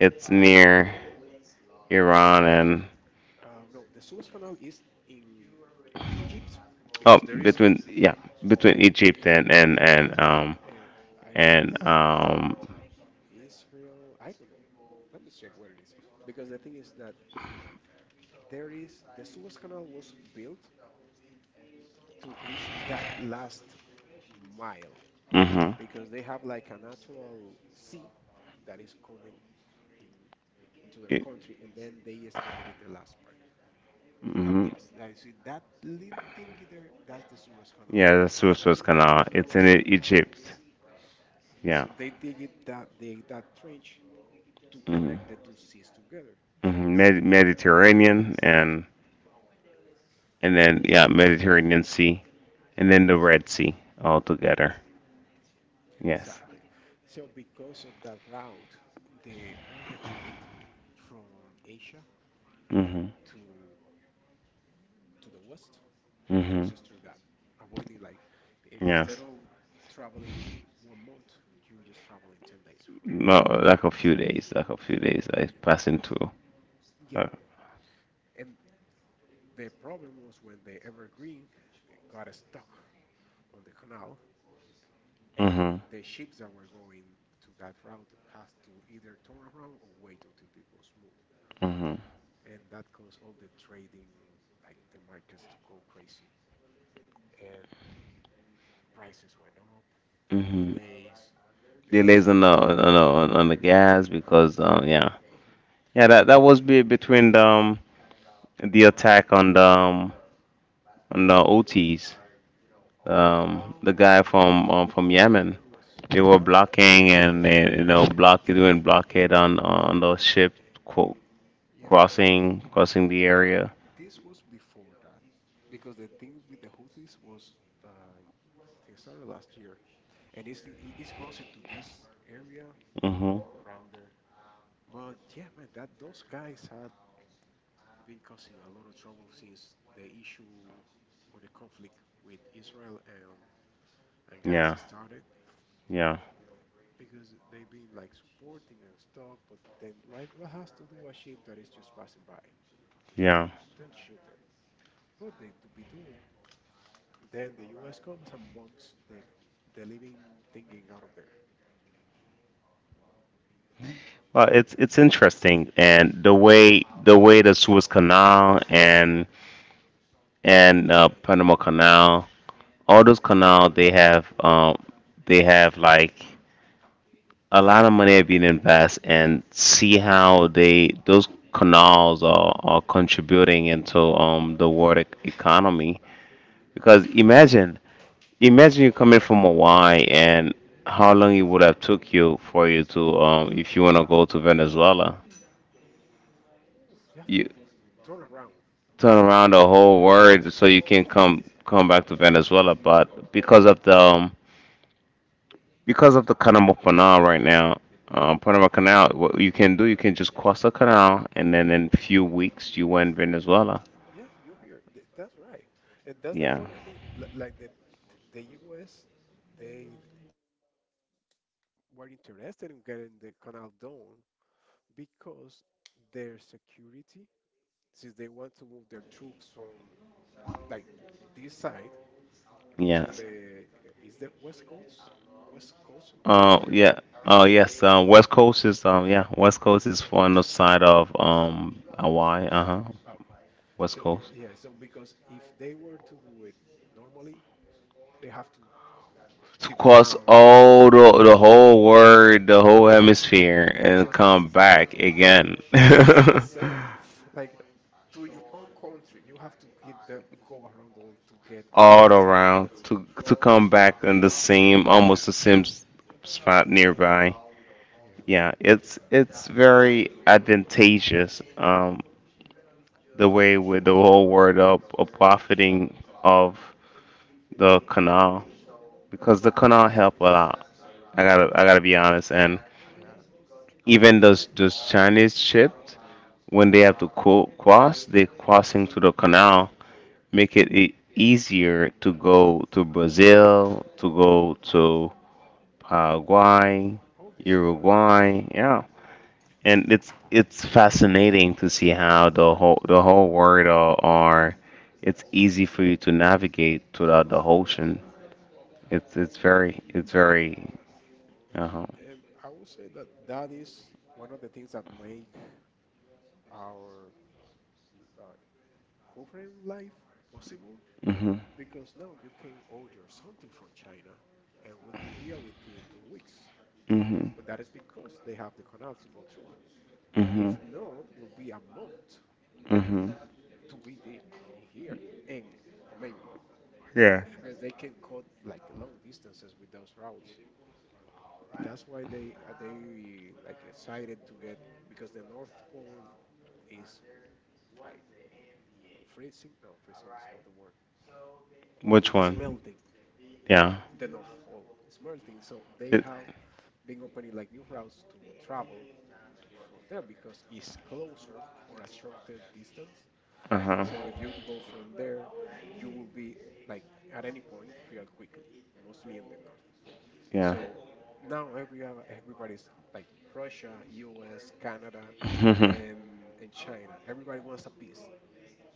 S1: it's near Iran and
S2: no. The Suez Canal is in Egypt
S1: oh
S2: because there is,
S1: between yeah between
S2: I- I-
S1: Egypt and
S2: I believe.
S1: and um
S2: Israel. I don't know. Let me check where it is. Because the thing is that there is the Suez Canal was built to reach that last mile
S1: hmm.
S2: because they have like a natural sea that is coming in into their country and then they excavated the last part. Oh,
S1: Hmm.
S2: yes, I see that little thingy there, that's the Suez Canal.
S1: Yeah, the Suez was Canal. It's in
S2: So
S1: Egypt. Yeah.
S2: so they dig it that they that trench to
S1: Hmm.
S2: connect the two seas together.
S1: Hmm. Mediterranean and Mediterranean Sea and then the Red Sea all together.
S2: Yeah,
S1: Yes.
S2: exactly. So because of that route, the all the trade from Asia
S1: Mhm.
S2: to the West
S1: Mhm.
S2: crosses through that, avoiding like instead
S1: Yes.
S2: of traveling 1 month, you just travel in 10 days for that
S1: No,
S2: route.
S1: like a few days. Like a few days. I passing through. Uh,
S2: Yeah, and the problem was when the Evergreen got stuck on the canal, and
S1: mhm.
S2: the ships that were going to that route had to either turn around or wait until it was smooth.
S1: Mhm.
S2: And that caused all the trading, like the markets, to go crazy, and prices went up,
S1: Mhm.
S2: delays, because
S1: Delays on the on the gas because yeah,
S2: mhm.
S1: yeah that that was be between the attack on the OTs,
S2: Oh,
S1: the guy from
S2: the
S1: Yemen.
S2: hoods
S1: They were
S2: that
S1: blocking and they, you know block doing blockade on the ship qu-
S2: yeah that
S1: crossing the area.
S2: this was before that, because the thing with the Houthis was like they started last year, and it's it's closer to this area
S1: Hmm.
S2: for around there. But yeah, man, that those guys had been causing a lot of trouble since the issue or the conflict with Israel and
S1: Yeah,
S2: Gaza started
S1: yeah,
S2: because they've been like supporting and stuff, but then like what has to do a ship that is just passing by? You
S1: yeah.
S2: don't shoot them. But they to be doing. Then the US comes and bombs the living thing out of there.
S1: Well, it's interesting, and the way the Suez Canal and Panama Canal, all those canal they have like a lot of money have been invested, and see how they those canals are contributing into the world economy,
S2: Hmm.
S1: because imagine you coming from Hawaii and how long it would have took you for you to if you want to go to Venezuela,
S2: Oof, you have to
S1: you
S2: turn around.
S1: turn around the
S2: Ooh,
S1: whole
S2: to come to
S1: world so
S2: the-
S1: you can
S2: Yeah,
S1: come back to Venezuela, but because of the Panama Canal right now, Panama Canal, what you can do, you can just cross the canal, and then in few weeks you were in Venezuela.
S2: yeah, you're here. That's right, and that's the
S1: Yeah,
S2: funny thing. Like the US they were interested in getting the canal done because their security, since they want to move their troops from like this side to
S1: yes.
S2: the is the West Coast, West Coast in California, right?
S1: Yeah.
S2: Is that
S1: Oh
S2: the West?
S1: yes. West Coast is yeah. West Coast is on the side of Hawaii. Uh huh.
S2: Ah, okay.
S1: West
S2: So
S1: Coast.
S2: yeah, so because if they were to do it normally, they have to
S1: To
S2: keep
S1: cross
S2: around
S1: all the whole world, the whole hemisphere, and
S2: just
S1: come back again.
S2: it's insane. Like to your own country, you have to give them go around the world to get on the
S1: All
S2: other side.
S1: around
S2: Because,
S1: to come back in the same,
S2: uh, yeah,
S1: almost the same spot nearby.
S2: yeah, but
S1: Yeah,
S2: the-
S1: it's very advantageous, the way with the whole word of profiting
S2: mhm,
S1: of the canal because the canal help a lot. I gotta be honest, and
S2: yeah, no,
S1: even those Chinese ships when they have to cross, they crossing to the canal make it easier to go to Brazil, to go to Paraguay,
S2: all this year,
S1: Uruguay, yeah. And it's fascinating to see how the whole world are it's easy for you to navigate throughout the ocean. It's very
S2: mhm,
S1: uh-huh.
S2: and I would say that that is one of the things that make our uh, current life possible
S1: Mhm.
S2: because now you can order something from China and will be here within 2 weeks.
S1: Mhm.
S2: But that is because they have the canal to go through. If
S1: Mhm.
S2: not, will be a month
S1: Mhm.
S2: to be the, he- here and maybe more
S1: Yeah.
S2: because they can cut like long distances with those routes. That's why they are they like excited to get because the North Pole is like freezing. No, freezing is not the word.
S1: Which
S2: It's
S1: one?
S2: melting.
S1: Yeah.
S2: The North Pole is melting, so they
S1: It,
S2: have been opening like new routes to travel from there because it's closer or a shorter distance.
S1: uh-huh.
S2: So if you go from there, you will be like at any point real quickly, mostly in the north.
S1: Yeah.
S2: So now every everybody's like Russia, US, Canada,
S1: Mhm.
S2: and China. Everybody wants a piece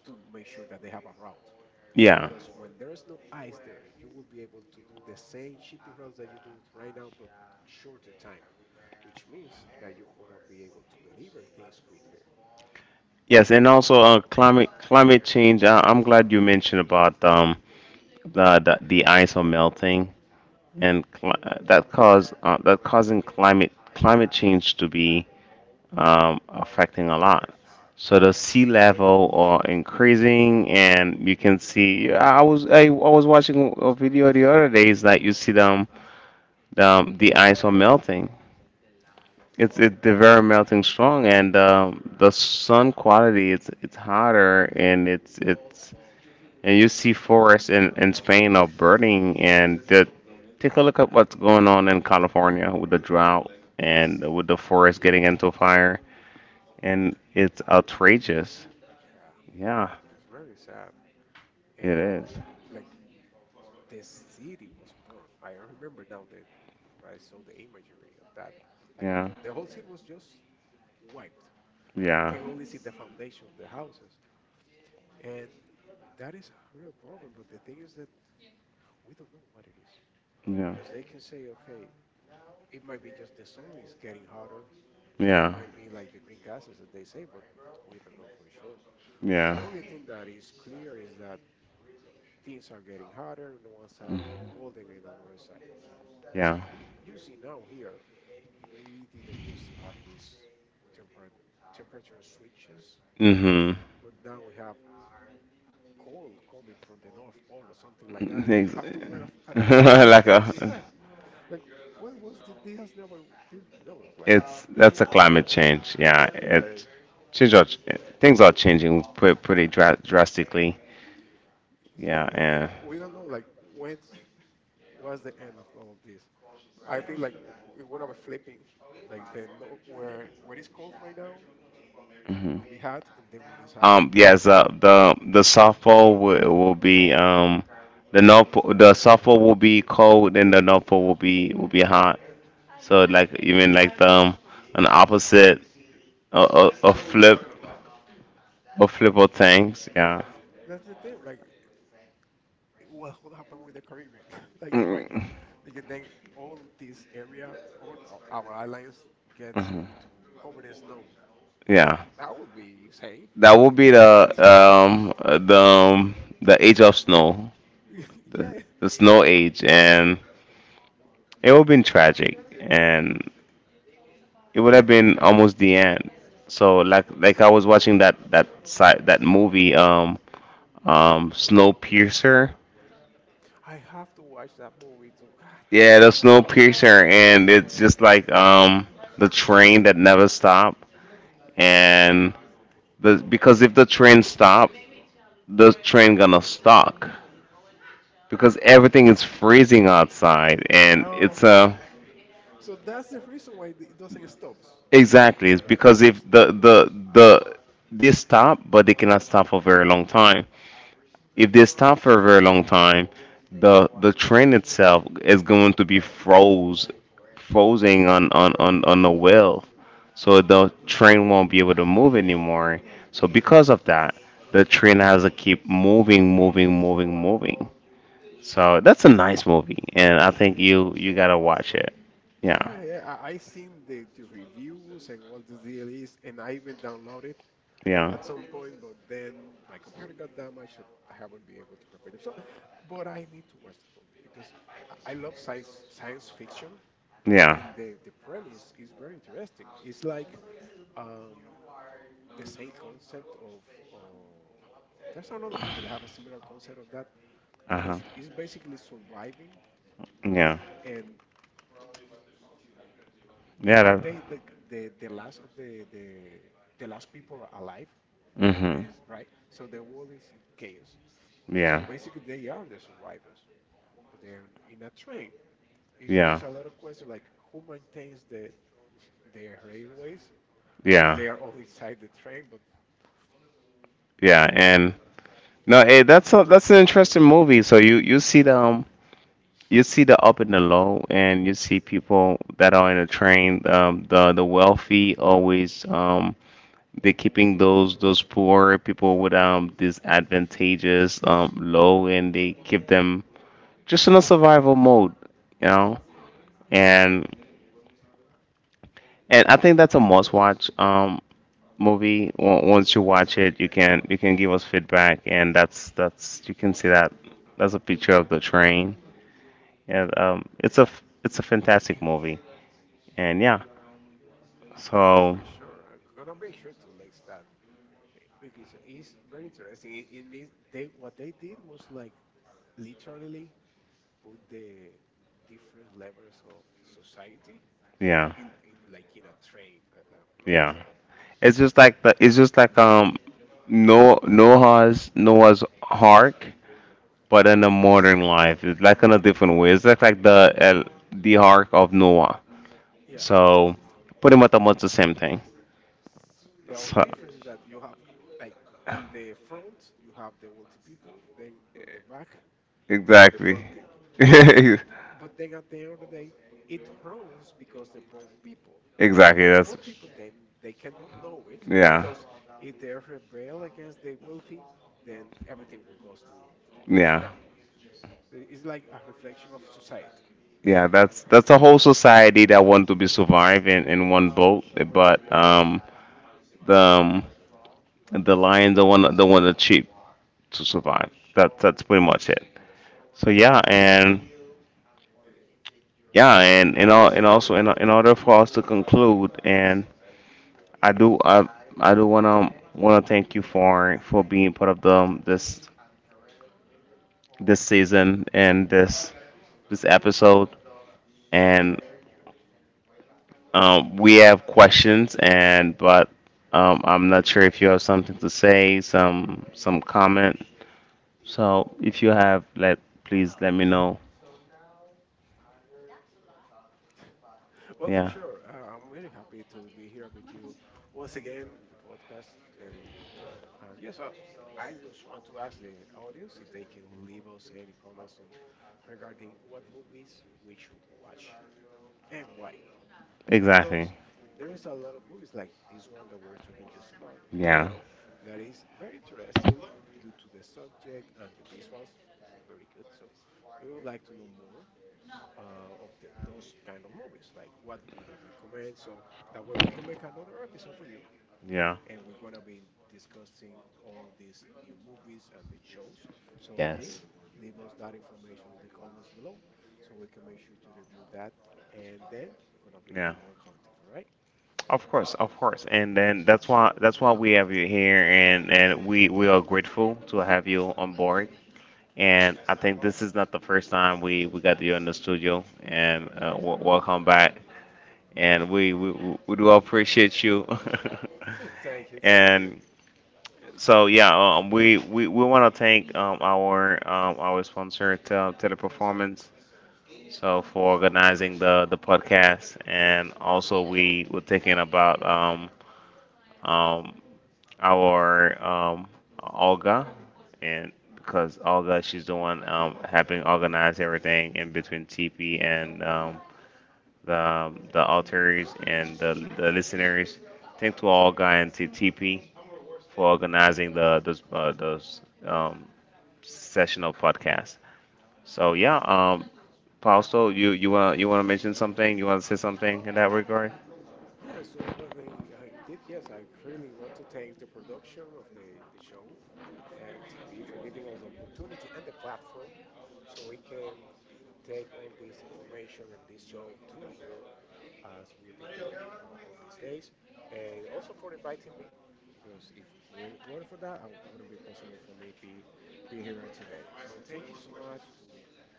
S2: to make sure that they have a route.
S1: Yeah.
S2: Because when there is no ice there, you will be able to do the same shipping routes that you do right now, but shorter time, which means that you're gonna be able to deliver things quicker.
S1: Yes, and also climate change. I'm glad you mentioned about the ice are melting and that cause that causing climate change to be affecting a lot. So
S2: Oh
S1: the
S2: yeah.
S1: sea level are increasing, and you can see. I was watching a video the other day. It's like you see them, the ice are melting. They're very melting strong, and the sun quality it's hotter, and it's and you see forests in Spain are burning, and take a look at what's going on in California with the drought and
S2: Yeah.
S1: with the forest getting into fire, and it's outrageous.
S2: Yeah.
S1: Yeah,
S2: It's very sad.
S1: it
S2: And
S1: is.
S2: the like the city was burned. I remember now that I saw the imagery of that. Like
S1: Yeah,
S2: the whole city was just wiped. You
S1: yeah, yeah,
S2: can only see the foundation of the houses. And that is a real problem. But the thing is that we don't know what it is. Because they can say, okay, it might be just the sun is getting hotter, it
S1: yeah,
S2: might be like the green gases that they say, but we don't know for sure. The
S1: yeah.
S2: only thing that is clear is that things are getting hotter on one side and
S1: Mhm.
S2: colder on another side. Because
S1: Yeah.
S2: you see now here, we didn't used to have these temper temperature switches,
S1: Mhm.
S2: but now we have cold coming from the North Pole or something like that, and you have to wear a, a
S1: Like
S2: jacket
S1: a,
S2: outside. Like, when was the, this has never, this never was like that.
S1: it's that's a climate change. Yeah,
S2: Yeah,
S1: change. Are, things are changing pretty drastically.
S2: yeah,
S1: Yeah,
S2: it,
S1: and
S2: we don't know like when what's the end of all of this? I think like when I'm flipping, like the no, where what is cold right now
S1: hmm.
S2: will be hot, and then what is hot will be
S1: Yes,
S2: cold.
S1: the softball will be the north the south pole will be cold and the north pole will be hot. So like even like the an opposite
S2: But
S1: a flip, a flip of things. Yeah.
S2: that's the thing. Like what happened with the Caribbean? Like imagine,
S1: Mm,
S2: because then all this area, our islands
S1: mhm.
S2: gets
S1: Cool.
S2: into covered in snow.
S1: Yeah.
S2: That would be insane.
S1: That will be um the um, the age of snow. the,
S2: Yeah,
S1: the snow age, and it would have been tragic, and it would have been almost the end. So like I was watching that that side that movie Snowpiercer.
S2: I have to watch that movie too. God.
S1: Yeah, the Snowpiercer, and it's just like the train that never stopped, and the because if the train stop, the train gonna stop because everything is freezing outside, and
S2: Oh,
S1: it's a
S2: so that's the reason why it doesn't stop.
S1: exactly, it's because if they stop, but they cannot stop for very long time. If they stop for a very long time,
S2: No.
S1: the train itself is going to be frozen on the wheel. So the train won't be able to move anymore. So because of
S2: No.
S1: that, the train has to keep moving, moving, moving, moving. So that's a nice movie, and I think you
S2: Yeah.
S1: gotta watch it. Yeah.
S2: Yeah, yeah. I seen the reviews and what the deal is, and I even downloaded
S1: Yeah.
S2: at some point, but then my computer got damaged and I haven't been able to repair it. So, but I need to watch the movie because I love science fiction,
S1: Yeah.
S2: and the premise is very interesting. It's like um, the same concept of there's another movie that have a similar concept of that
S1: Uh-huh.
S2: because it's basically surviving
S1: Yeah.
S2: and
S1: Yeah.
S2: are they the the last of the the last people alive
S1: Hmm.
S2: is right, so the world is in chaos, so
S1: Yeah.
S2: basically they are the survivors, but they are in a train. It
S1: Yeah.
S2: brings a lot of questions like who maintains the railways if
S1: Yeah.
S2: they are all inside the train but
S1: Yeah, and no, hey, that's that's an interesting movie. So you see the up and the low, and you see people that are in a train. The wealthy always they're keeping those poor people with
S2: Mhm.
S1: these advantageous low, and they keep them just in a survival mode, you know. and and I think that's a must watch movie. Once you watch it, you can give us feedback, and that's you can see that that's a picture of the train, and
S2: Hmm.
S1: it's
S2: Exactly.
S1: it's a fantastic movie.
S2: Huge.
S1: And yeah,
S2: No,
S1: so
S2: for sure. I'm gonna make sure to list that, eh, because it's very interesting. They what they did was like literally put the different levels of society
S1: yeah,
S2: in like in a train, not a
S1: yeah.
S2: train.
S1: It's just like the it's just like um Noah's Ark, but in a modern life. It's like in a different way. It's like the Ark of Noah.
S2: Yeah.
S1: So pretty much almost the same thing.
S2: The only
S1: So
S2: difference is that you have like on the front you have the wealthy people, then on the back you have the
S1: exactly,
S2: poor people. But then at the end of the day, it runs because the poor people. But
S1: exactly.
S2: the
S1: That's
S2: poor people then they cannot know it
S1: yeah,
S2: because if they rebel against the wealthy, then everything will go to
S1: yeah,
S2: scramble. I- It's like a reflection of society. Like
S1: yeah. That's a whole society that want to be surviving in one boat, but. The, um, the lion, the one that cheap to survive. That that's pretty much it. So yeah, and yeah, and all, and also in order for us to conclude, and I do I, I do wanna thank you for being part of the this season and this episode. And we have questions, and but I'm not sure if you have something to say, some comment. So if you have, let please let me know.
S2: well, for
S1: Yeah.
S2: sure, I'm really happy to be here
S1: b
S2: with you once again, the podcast, and Uh, yes, I, I just want to ask the audience if they can leave us any comments on regarding what movies we should watch and why.
S1: me. Exactly.
S2: Because there is a lot of movies like this one that we're talking just about
S1: Those.
S2: right
S1: Yeah.
S2: now that is very interesting due to the subject and the visuals, very good. So, if you would like to know more of those kind of movies, like what do you recommend? So that way we can make another episode for you,
S1: Yeah.
S2: and we're going to be discussing all these new movies and the shows. So
S1: Yes.
S2: please leave us that information in the comments below so we can make sure to review that. And then we're going to bring
S1: Yeah.
S2: you more content, all right?
S1: Of course, of course. And then that's why we have you here, and we are grateful to have you on board. And I think this is not the first time we got you in the studio, and welcome back. And we do appreciate you.
S2: Thank you, thank you.
S1: And so yeah, we want to thank our sponsor to the performance so for organizing the podcast, and also we were thinking about um our Olga, and because Olga she's the one helping organize everything in between TP and the alters and the listeners. Thank to Olga and to TP for organizing the those sessional podcast. So yeah,
S2: Yeah.
S1: Fausto, you want to mention something? You want to say something in that regard?
S2: Yeah, so indeed, yes, I really want to thank the production of the show and TP for giving us the opportunity and the platform so we can take all this information and this show to you as we've been doing all these days, and also for inviting me. Because if it weren't for that, it wouldn't be possible for me be here today. So thank you so much to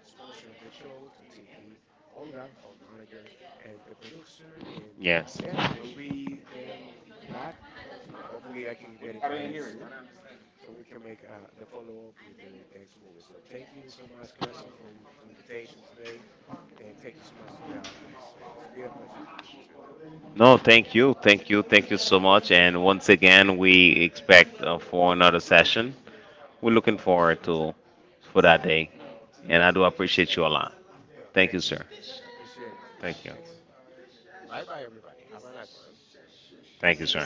S2: the sponsor of the show, to TP, Olga, our manager, and the producer. And
S1: Yes.
S2: yeah, we'll be then back with you. With you. Hopefully, I can get invited soon so we can make the follow-up with the next movie. So thank you so much, Clemson, for your to invitation today, and thank you so much to the audience. And it's been a pleasure to be with you.
S1: No, thank you, thank you, thank you so much. And once again, we expect for another session. We're looking forward to for that day, and I do appreciate you a lot.
S2: Yeah,
S1: Thank you,
S2: thank you,
S1: sir.
S2: sir. I appreciate you, sir.
S1: Thank you.
S2: Thank you so much. Bye-bye, everybody. Have a nice one.
S1: Thank you, sir.